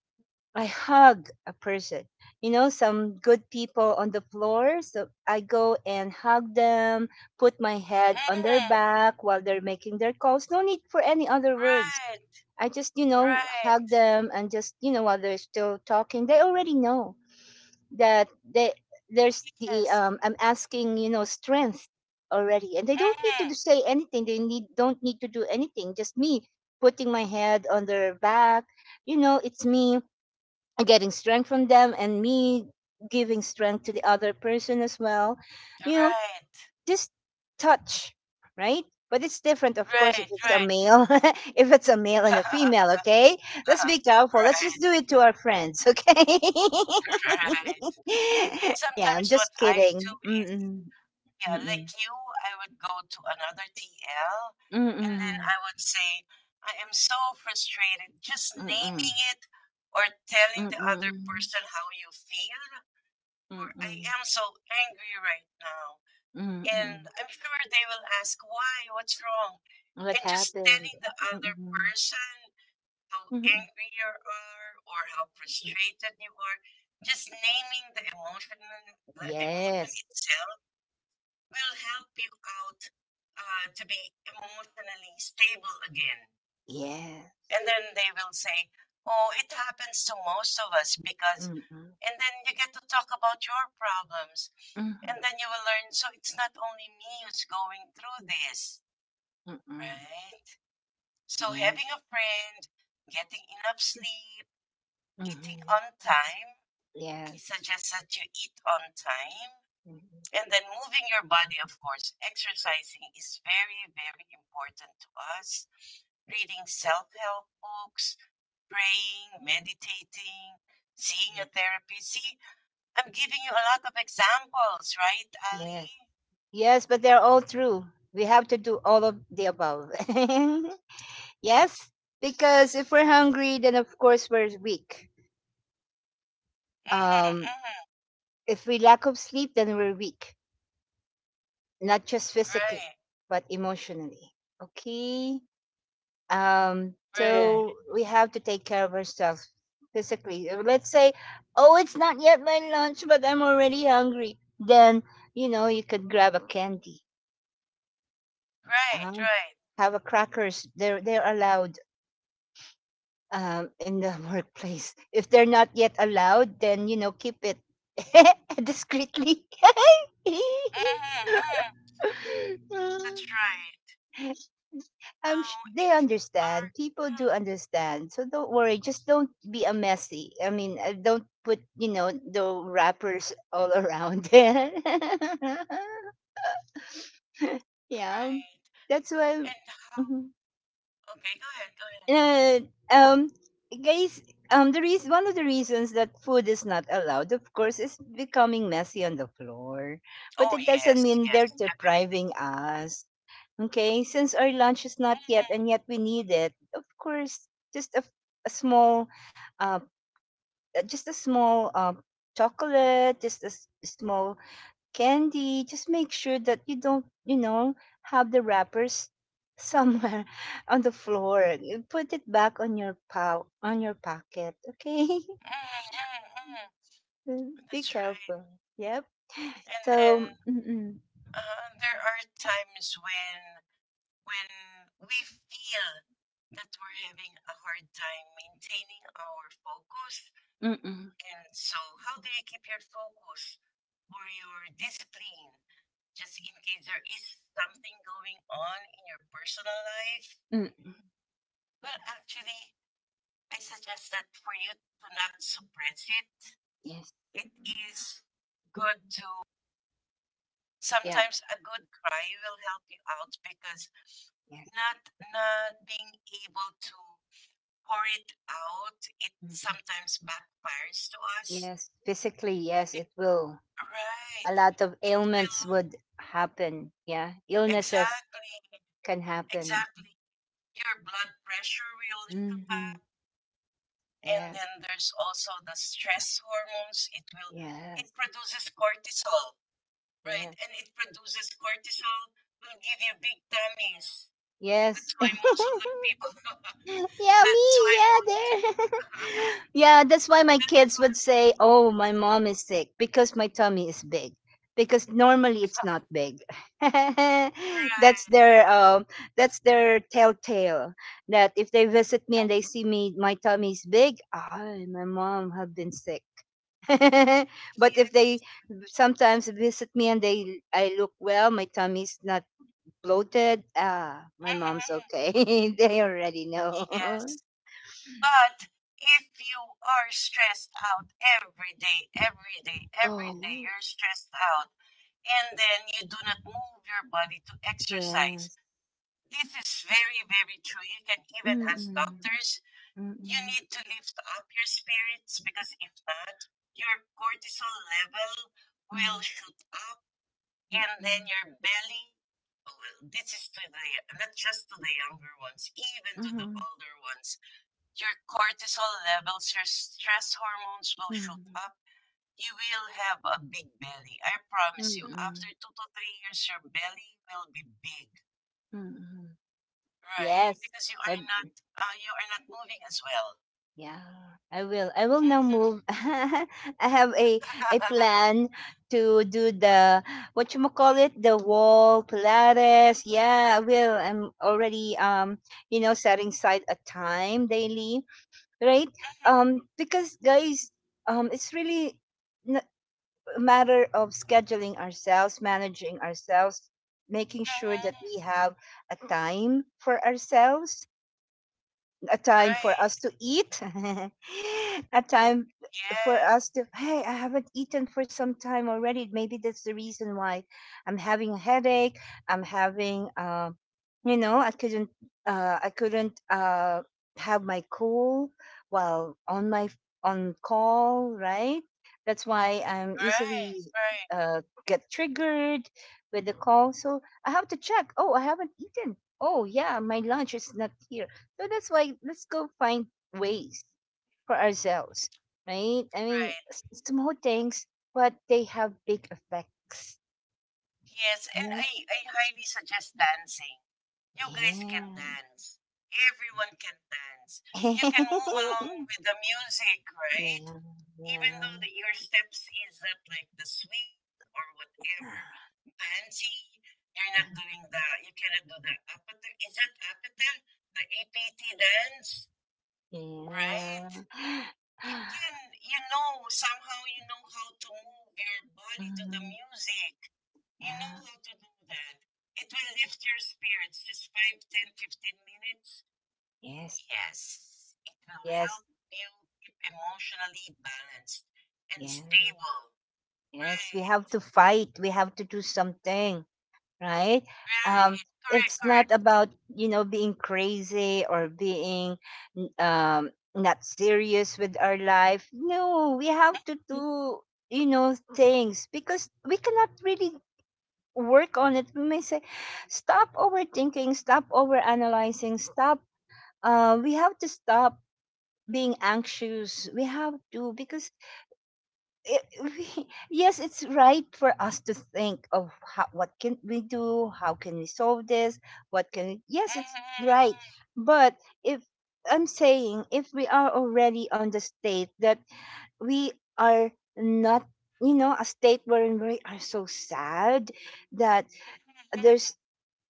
[SPEAKER 1] I hug a person. You know, some good people on the floor. So I go and hug them, put my head on their
[SPEAKER 2] Mm-hmm.
[SPEAKER 1] back while they're making their calls. No need for any other words.
[SPEAKER 2] Right.
[SPEAKER 1] I just, you know,
[SPEAKER 2] Right.
[SPEAKER 1] hug them and just, you know, while they're still talking, they already know that they there's the
[SPEAKER 2] Yes.
[SPEAKER 1] I'm asking, you know, strength already, and they don't need to
[SPEAKER 2] Mm-hmm.
[SPEAKER 1] say anything. They need don't need to do anything. Just me putting my head on their back. You know, it's me getting strength from them, and me giving strength to the other person as well. You know,
[SPEAKER 2] Right.
[SPEAKER 1] just touch, right? But it's different, of course, if
[SPEAKER 2] Right.
[SPEAKER 1] it's a
[SPEAKER 2] Right.
[SPEAKER 1] male, [laughs] if it's a male and a female, okay? Let's be
[SPEAKER 2] [laughs]
[SPEAKER 1] careful. Let's just
[SPEAKER 2] Right.
[SPEAKER 1] do it to our friends, okay?
[SPEAKER 2] Right.
[SPEAKER 1] [laughs] Yeah, I'm
[SPEAKER 2] Sometimes what
[SPEAKER 1] just
[SPEAKER 2] I
[SPEAKER 1] kidding.
[SPEAKER 2] do is,
[SPEAKER 1] Mm-mm,
[SPEAKER 2] yeah,
[SPEAKER 1] mm-mm,
[SPEAKER 2] like you, I would go to another TL and then
[SPEAKER 1] mm-mm,
[SPEAKER 2] I would say, I am so frustrated. Just
[SPEAKER 1] mm-mm,
[SPEAKER 2] naming it or telling the other
[SPEAKER 1] mm-mm,
[SPEAKER 2] person how you feel, or I
[SPEAKER 1] mm-mm,
[SPEAKER 2] am so angry right now. And
[SPEAKER 1] mm-mm.
[SPEAKER 2] I'm sure they will ask, why? What's wrong?
[SPEAKER 1] What
[SPEAKER 2] And just
[SPEAKER 1] happened?
[SPEAKER 2] telling the other
[SPEAKER 1] Mm-mm,
[SPEAKER 2] person how
[SPEAKER 1] mm-mm.
[SPEAKER 2] angry you are or how frustrated you are, just naming the emotion
[SPEAKER 1] Yes,
[SPEAKER 2] itself will help you out to be emotionally stable again.
[SPEAKER 1] yeah.
[SPEAKER 2] And then they will say, oh, it happens to most of us because,
[SPEAKER 1] Mm-mm,
[SPEAKER 2] and then you get to talk about your problems.
[SPEAKER 1] mm-mm,
[SPEAKER 2] And then you will learn, so it's not only me who's going through this,
[SPEAKER 1] mm-mm,
[SPEAKER 2] right? So
[SPEAKER 1] yeah.
[SPEAKER 2] having a friend, getting enough sleep, eating
[SPEAKER 1] Mm-hmm.
[SPEAKER 2] on time, I
[SPEAKER 1] Yes.
[SPEAKER 2] suggest that you eat on time.
[SPEAKER 1] Mhm.
[SPEAKER 2] And then moving your body, of course, exercising is very, very important to us. Reading self help books, praying,
[SPEAKER 1] Yeah.
[SPEAKER 2] meditating, seeing a
[SPEAKER 1] Yes.
[SPEAKER 2] therapist. See, I'm giving you a lot of examples, right,
[SPEAKER 1] Yes.
[SPEAKER 2] Ali?
[SPEAKER 1] Yes, but they're all true. We have to do all of the above. [laughs] Yes, because if we're hungry, then of course we're weak.
[SPEAKER 2] Mm-hmm,
[SPEAKER 1] Um,
[SPEAKER 2] mm-hmm.
[SPEAKER 1] if we lack of sleep, then we're weak, not just physically,
[SPEAKER 2] Right,
[SPEAKER 1] but emotionally. Okay. Um,
[SPEAKER 2] right,
[SPEAKER 1] so we have to take care of ourselves physically. Let's say, oh, it's not yet my lunch, but I'm already hungry. Then, you know, you could grab a candy,
[SPEAKER 2] right,
[SPEAKER 1] um,
[SPEAKER 2] right.
[SPEAKER 1] have crackers. They're allowed, in the [laughs] workplace. If they're not yet allowed, then you know, keep it [laughs] discreetly.
[SPEAKER 2] Mm-hmm, mm-hmm. That's
[SPEAKER 1] [laughs]
[SPEAKER 2] right. Now,
[SPEAKER 1] They
[SPEAKER 2] if we are,
[SPEAKER 1] understand, people
[SPEAKER 2] mm,
[SPEAKER 1] do understand, so don't worry. Just don't be a messy, don't put, you know, the wrappers all around. [laughs] Yeah,
[SPEAKER 2] right,
[SPEAKER 1] that's why.
[SPEAKER 2] and how,
[SPEAKER 1] Mhm.
[SPEAKER 2] okay, go ahead, go ahead.
[SPEAKER 1] uh, um Guys, the reason, one of the reasons that food is not allowed, of course, is becoming messy on the floor. But
[SPEAKER 2] Oh,
[SPEAKER 1] it doesn't
[SPEAKER 2] yes,
[SPEAKER 1] mean
[SPEAKER 2] yes,
[SPEAKER 1] they're
[SPEAKER 2] definitely.
[SPEAKER 1] depriving us. Okay, since our lunch is not
[SPEAKER 2] Mm,
[SPEAKER 1] yet, and yet we need it, of course, just a small uh just a small chocolate, just a small candy. Just make sure that you don't, you know, have the wrappers somewhere [laughs] on the floor. You Put it back on your pow on your pocket. Okay,
[SPEAKER 2] mm, mm, mm.
[SPEAKER 1] [laughs] be
[SPEAKER 2] That's right.
[SPEAKER 1] careful. Yep.
[SPEAKER 2] And then
[SPEAKER 1] So, mm-mm,
[SPEAKER 2] there are times when we feel that we're having a hard time maintaining our focus.
[SPEAKER 1] mm-mm,
[SPEAKER 2] And so, how do you keep your focus or your discipline? Just in case there is something going on in your personal life.
[SPEAKER 1] mm.
[SPEAKER 2] Well, actually, I suggest that for you to not suppress it,
[SPEAKER 1] Yes,
[SPEAKER 2] it is good to
[SPEAKER 1] yeah,
[SPEAKER 2] sometimes a good cry will help you out because
[SPEAKER 1] yes,
[SPEAKER 2] not not being able to pour it out, it
[SPEAKER 1] mm,
[SPEAKER 2] sometimes backfires to us.
[SPEAKER 1] yes. Physically, yes,
[SPEAKER 2] Be-
[SPEAKER 1] it will.
[SPEAKER 2] right,
[SPEAKER 1] A lot of
[SPEAKER 2] it
[SPEAKER 1] ailments
[SPEAKER 2] will,
[SPEAKER 1] would happen. Yeah, illnesses
[SPEAKER 2] exactly,
[SPEAKER 1] can happen.
[SPEAKER 2] exactly, your blood pressure will shoot
[SPEAKER 1] Hmm.
[SPEAKER 2] up and
[SPEAKER 1] Yes,
[SPEAKER 2] then there's also the stress hormones, it will, it
[SPEAKER 1] yes,
[SPEAKER 2] produces cortisol, right,
[SPEAKER 1] yes,
[SPEAKER 2] and it produces cortisol, will give you big tummies. That's
[SPEAKER 1] yes.
[SPEAKER 2] why most of the
[SPEAKER 1] [laughs]
[SPEAKER 2] people.
[SPEAKER 1] Yeah,
[SPEAKER 2] [laughs] That's
[SPEAKER 1] me,
[SPEAKER 2] why
[SPEAKER 1] yeah,
[SPEAKER 2] most.
[SPEAKER 1] there. [laughs]
[SPEAKER 2] [laughs]
[SPEAKER 1] Yeah, that's why my
[SPEAKER 2] That's
[SPEAKER 1] kids
[SPEAKER 2] why,
[SPEAKER 1] would say, "Oh, my mom is sick because my tummy is big." Because normally it's not big. [laughs] That's
[SPEAKER 2] right?
[SPEAKER 1] their that's their telltale. That if they visit me
[SPEAKER 2] Mm.
[SPEAKER 1] and they see me, my tummy is big. Ah, my mom have been sick. [laughs] But if they
[SPEAKER 2] Yes.
[SPEAKER 1] sometimes visit me and they I look well, my tummy's not bloated. Ah, my mom's
[SPEAKER 2] Mhm.
[SPEAKER 1] okay. [laughs] They already know.
[SPEAKER 2] Yes. But if you are stressed out every day, every day, every day,
[SPEAKER 1] Oh,
[SPEAKER 2] you're stressed out, and then you do not move your body to exercise.
[SPEAKER 1] yes.
[SPEAKER 2] This is very, very true. You can even ask
[SPEAKER 1] Mm,
[SPEAKER 2] doctors,
[SPEAKER 1] mm,
[SPEAKER 2] you
[SPEAKER 1] mm,
[SPEAKER 2] need to lift up your spirits because if not, your cortisol level will
[SPEAKER 1] mm,
[SPEAKER 2] shoot up and then
[SPEAKER 1] mhm,
[SPEAKER 2] your belly, well, this is to the not just to the younger ones, even to the older ones. Your cortisol levels, your stress hormones will shoot
[SPEAKER 1] mhm,
[SPEAKER 2] up. You will have a big belly. I promise you. After
[SPEAKER 1] mm,
[SPEAKER 2] 2 to 3 years, your belly will be big.
[SPEAKER 1] mm.
[SPEAKER 2] Right,
[SPEAKER 1] Yes.
[SPEAKER 2] because
[SPEAKER 1] I,
[SPEAKER 2] you are not moving as well.
[SPEAKER 1] yeah, I will. I will now
[SPEAKER 2] Mhm.
[SPEAKER 1] move. [laughs] I have a
[SPEAKER 2] [laughs]
[SPEAKER 1] plan to do the, what you call it, the wall Pilates. Yeah, I will. I'm already, you know, setting aside a time daily, right?
[SPEAKER 2] Mhm.
[SPEAKER 1] Because guys, it's really a matter of scheduling ourselves, managing ourselves, making sure that
[SPEAKER 2] Mhm.
[SPEAKER 1] we have a time for ourselves, a time for
[SPEAKER 2] Right.
[SPEAKER 1] us to eat, [laughs] a time for
[SPEAKER 2] Yes.
[SPEAKER 1] us to, hey, I haven't eaten for some time already. Maybe that's the reason why I'm having a headache. I'm having, you know, I couldn't have my cool while on call, right? That's why I'm easily
[SPEAKER 2] Right. Right.
[SPEAKER 1] get triggered with the call. So I have to check. Oh, I haven't eaten. Oh, yeah, my lunch is not here, so that's why let's go find ways for ourselves, right? I mean,
[SPEAKER 2] Right.
[SPEAKER 1] small things, but they have big effects.
[SPEAKER 2] Yes, and
[SPEAKER 1] You
[SPEAKER 2] I highly suggest dancing. You guys
[SPEAKER 1] Yeah.
[SPEAKER 2] can dance. Everyone can dance. You can move
[SPEAKER 1] [laughs]
[SPEAKER 2] along with the music, right?
[SPEAKER 1] Yeah.
[SPEAKER 2] Even though
[SPEAKER 1] Yeah.
[SPEAKER 2] the, your steps is not like the swing or whatever, fancy, you're not doing the, you cannot do the apatel. Is it apatel? The APT dance, right?
[SPEAKER 1] Yeah.
[SPEAKER 2] You can,
[SPEAKER 1] [sighs]
[SPEAKER 2] you know, somehow you know how to move your body to the
[SPEAKER 1] Mm,
[SPEAKER 2] music, you know
[SPEAKER 1] yeah.
[SPEAKER 2] how to do that, it will lift your spirits just five, ten, fifteen
[SPEAKER 1] Yes.
[SPEAKER 2] minutes yes it will
[SPEAKER 1] Yes.
[SPEAKER 2] help you keep emotionally balanced and
[SPEAKER 1] Yeah.
[SPEAKER 2] stable,
[SPEAKER 1] Yes. We
[SPEAKER 2] right,
[SPEAKER 1] have to fight. We have to do something. Right? Um,
[SPEAKER 2] right, correct,
[SPEAKER 1] it's not
[SPEAKER 2] correct.
[SPEAKER 1] about, you know, being crazy or being, not serious with our life. No, we have to do, you know, things because we cannot really work on it. We may say, stop overthinking, stop overanalyzing, stop. We have to stop being anxious. We have to because we, [laughs] yes, it's right for us to think of how, what can we do, how can we solve this, what can we,
[SPEAKER 2] Mhm,
[SPEAKER 1] yes, it's right.
[SPEAKER 2] mhm,
[SPEAKER 1] But if I'm saying if we are already on the state that we are not, you know, a state wherein we are so sad that there's,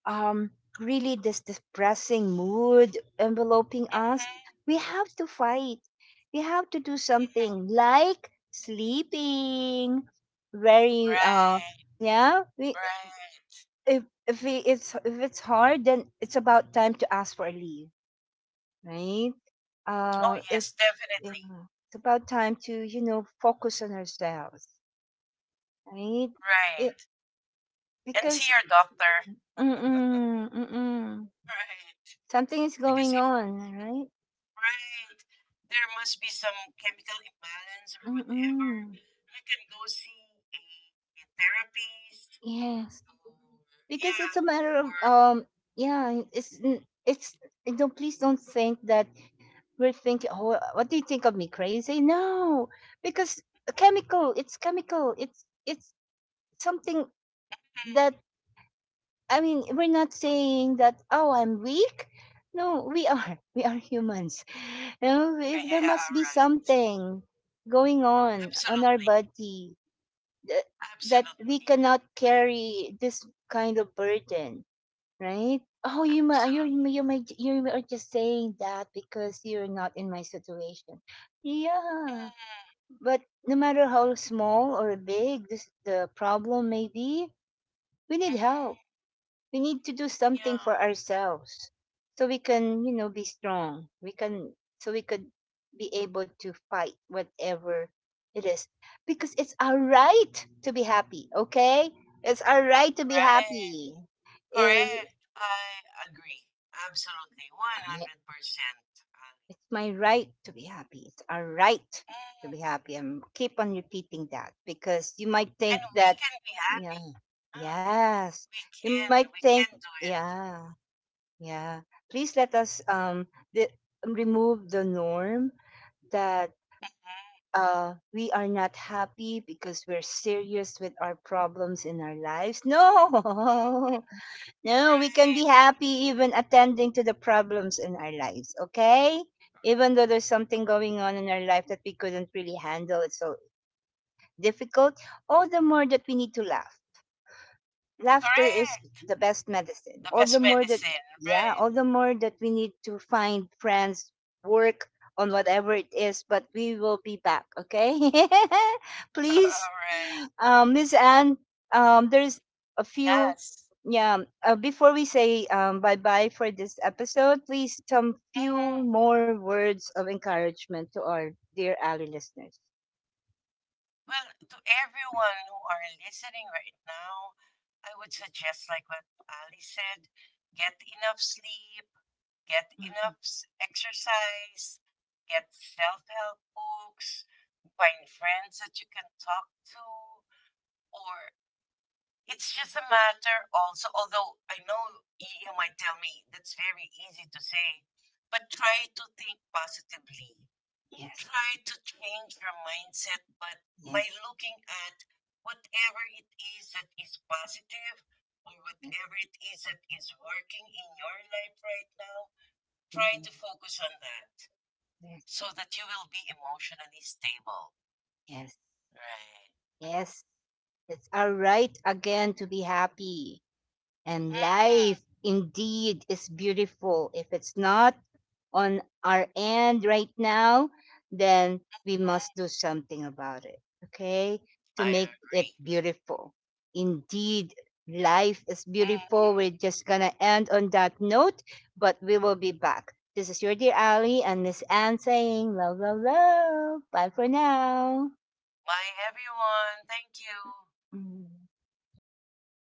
[SPEAKER 1] um, really this depressing mood enveloping
[SPEAKER 2] mhm,
[SPEAKER 1] us,
[SPEAKER 2] mhm.
[SPEAKER 1] we have to fight. We have to do something like sleeping. Very
[SPEAKER 2] Right,
[SPEAKER 1] yeah, we
[SPEAKER 2] right.
[SPEAKER 1] if we, it's if it's hard, then it's about time to ask for a leave, right?
[SPEAKER 2] Oh
[SPEAKER 1] If
[SPEAKER 2] yes,
[SPEAKER 1] Yeah,
[SPEAKER 2] definitely.
[SPEAKER 1] it's about time to, you know, focus on ourselves, right? It,
[SPEAKER 2] Right. And see
[SPEAKER 1] because
[SPEAKER 2] your doctor.
[SPEAKER 1] mm-mm, mm-mm,
[SPEAKER 2] Right.
[SPEAKER 1] something is
[SPEAKER 2] Because
[SPEAKER 1] going
[SPEAKER 2] if
[SPEAKER 1] on, right?
[SPEAKER 2] right, there must be some chemical imbalance or whatever.
[SPEAKER 1] Mm.
[SPEAKER 2] You can go see a therapist
[SPEAKER 1] Yes.
[SPEAKER 2] or
[SPEAKER 1] Because
[SPEAKER 2] yeah.
[SPEAKER 1] it's a matter of
[SPEAKER 2] Or
[SPEAKER 1] yeah, it's, and don't, please don't think that we're thinking, oh, what do you think of me, crazy? No. Because
[SPEAKER 2] [laughs]
[SPEAKER 1] chemical, it's chemical. It's something
[SPEAKER 2] mm,
[SPEAKER 1] that, I mean, we're not saying that, oh, I'm weak. No, we are. [laughs] We are humans. You know, if there must
[SPEAKER 2] yeah,
[SPEAKER 1] be
[SPEAKER 2] right.
[SPEAKER 1] something going on our
[SPEAKER 2] Absolutely.
[SPEAKER 1] body, th- that we
[SPEAKER 2] Absolutely.
[SPEAKER 1] cannot carry this kind of burden, right? Oh, you might,
[SPEAKER 2] Absolutely.
[SPEAKER 1] you might, you are just saying that because you're not in my situation.
[SPEAKER 2] Mm,
[SPEAKER 1] Yeah, but no matter how small or big this the problem may be, we need help,
[SPEAKER 2] mm-hmm.
[SPEAKER 1] we need to do something
[SPEAKER 2] Yeah.
[SPEAKER 1] for ourselves so we can, you know, be strong. We can, so we could be able to fight whatever it is, because it's our right to be happy, okay? It's our right to be
[SPEAKER 2] Right.
[SPEAKER 1] happy. Eh,
[SPEAKER 2] Correct. I agree. Absolutely. One
[SPEAKER 1] I-
[SPEAKER 2] hundred percent. Ali.
[SPEAKER 1] it's my right to be happy, it's our right to
[SPEAKER 2] Mm.
[SPEAKER 1] be happy, and keep on repeating that because you might
[SPEAKER 2] And
[SPEAKER 1] think
[SPEAKER 2] we
[SPEAKER 1] that,
[SPEAKER 2] can be
[SPEAKER 1] yeah,
[SPEAKER 2] happy. Ah,
[SPEAKER 1] yes, you might
[SPEAKER 2] we
[SPEAKER 1] think,
[SPEAKER 2] can do it.
[SPEAKER 1] yeah. Yeah. Please let us, di- remove the norm that,
[SPEAKER 2] Mhm.
[SPEAKER 1] we are not happy because we're serious with our problems in our lives. No,
[SPEAKER 2] Mhm.
[SPEAKER 1] [laughs] no, we can be
[SPEAKER 2] Right,
[SPEAKER 1] happy even attending to the problems in our lives, okay? Even though there's something going on in our life that we couldn't really handle, it's so difficult. All the more that we need to laugh. Laughter is
[SPEAKER 2] correct.
[SPEAKER 1] the best medicine.
[SPEAKER 2] The
[SPEAKER 1] All the
[SPEAKER 2] best
[SPEAKER 1] more that,
[SPEAKER 2] medicine,
[SPEAKER 1] yeah,
[SPEAKER 2] right?
[SPEAKER 1] all the more that we need to find friends, work on whatever it is, but we will be back, okay? [laughs]
[SPEAKER 2] [laughs]
[SPEAKER 1] Please,
[SPEAKER 2] All right.
[SPEAKER 1] Miss Anne, there's a few,
[SPEAKER 2] Yes.
[SPEAKER 1] yeah, before we say, bye bye for this episode, please some few
[SPEAKER 2] Mhm.
[SPEAKER 1] more words of encouragement to our dear Ali listeners.
[SPEAKER 2] Well, to everyone who are listening right now, I would suggest, like what Ali said, get enough sleep, get enough exercise, get self help books, find friends that you can talk to, or it's just a matter also, although I know you might tell me that's very easy to say, but try to think positively.
[SPEAKER 1] Yes,
[SPEAKER 2] Try to change your mindset, but by
[SPEAKER 1] yes,
[SPEAKER 2] looking at whatever it is that is positive or
[SPEAKER 1] yes,
[SPEAKER 2] whatever it is that is working in your life right now, try
[SPEAKER 1] mhm,
[SPEAKER 2] to focus on that
[SPEAKER 1] yes,
[SPEAKER 2] so that you will be emotionally stable.
[SPEAKER 1] yes.
[SPEAKER 2] Right. Mm-hmm.
[SPEAKER 1] Yes, it's our right again to be happy. And
[SPEAKER 2] Mm-hmm.
[SPEAKER 1] life indeed is beautiful. If it's not on our end right now, then we must do
[SPEAKER 2] Mm-hmm.
[SPEAKER 1] something about it, okay? To make
[SPEAKER 2] I
[SPEAKER 1] it
[SPEAKER 2] agree.
[SPEAKER 1] beautiful. Indeed, life is
[SPEAKER 2] Mm. Mhm.
[SPEAKER 1] beautiful. We're just gonna end on that note, but we will be back. This is your dear Ali and Miss Anne saying love, love, love. Bye for now.
[SPEAKER 2] Bye, everyone. Thank you.
[SPEAKER 1] Mm.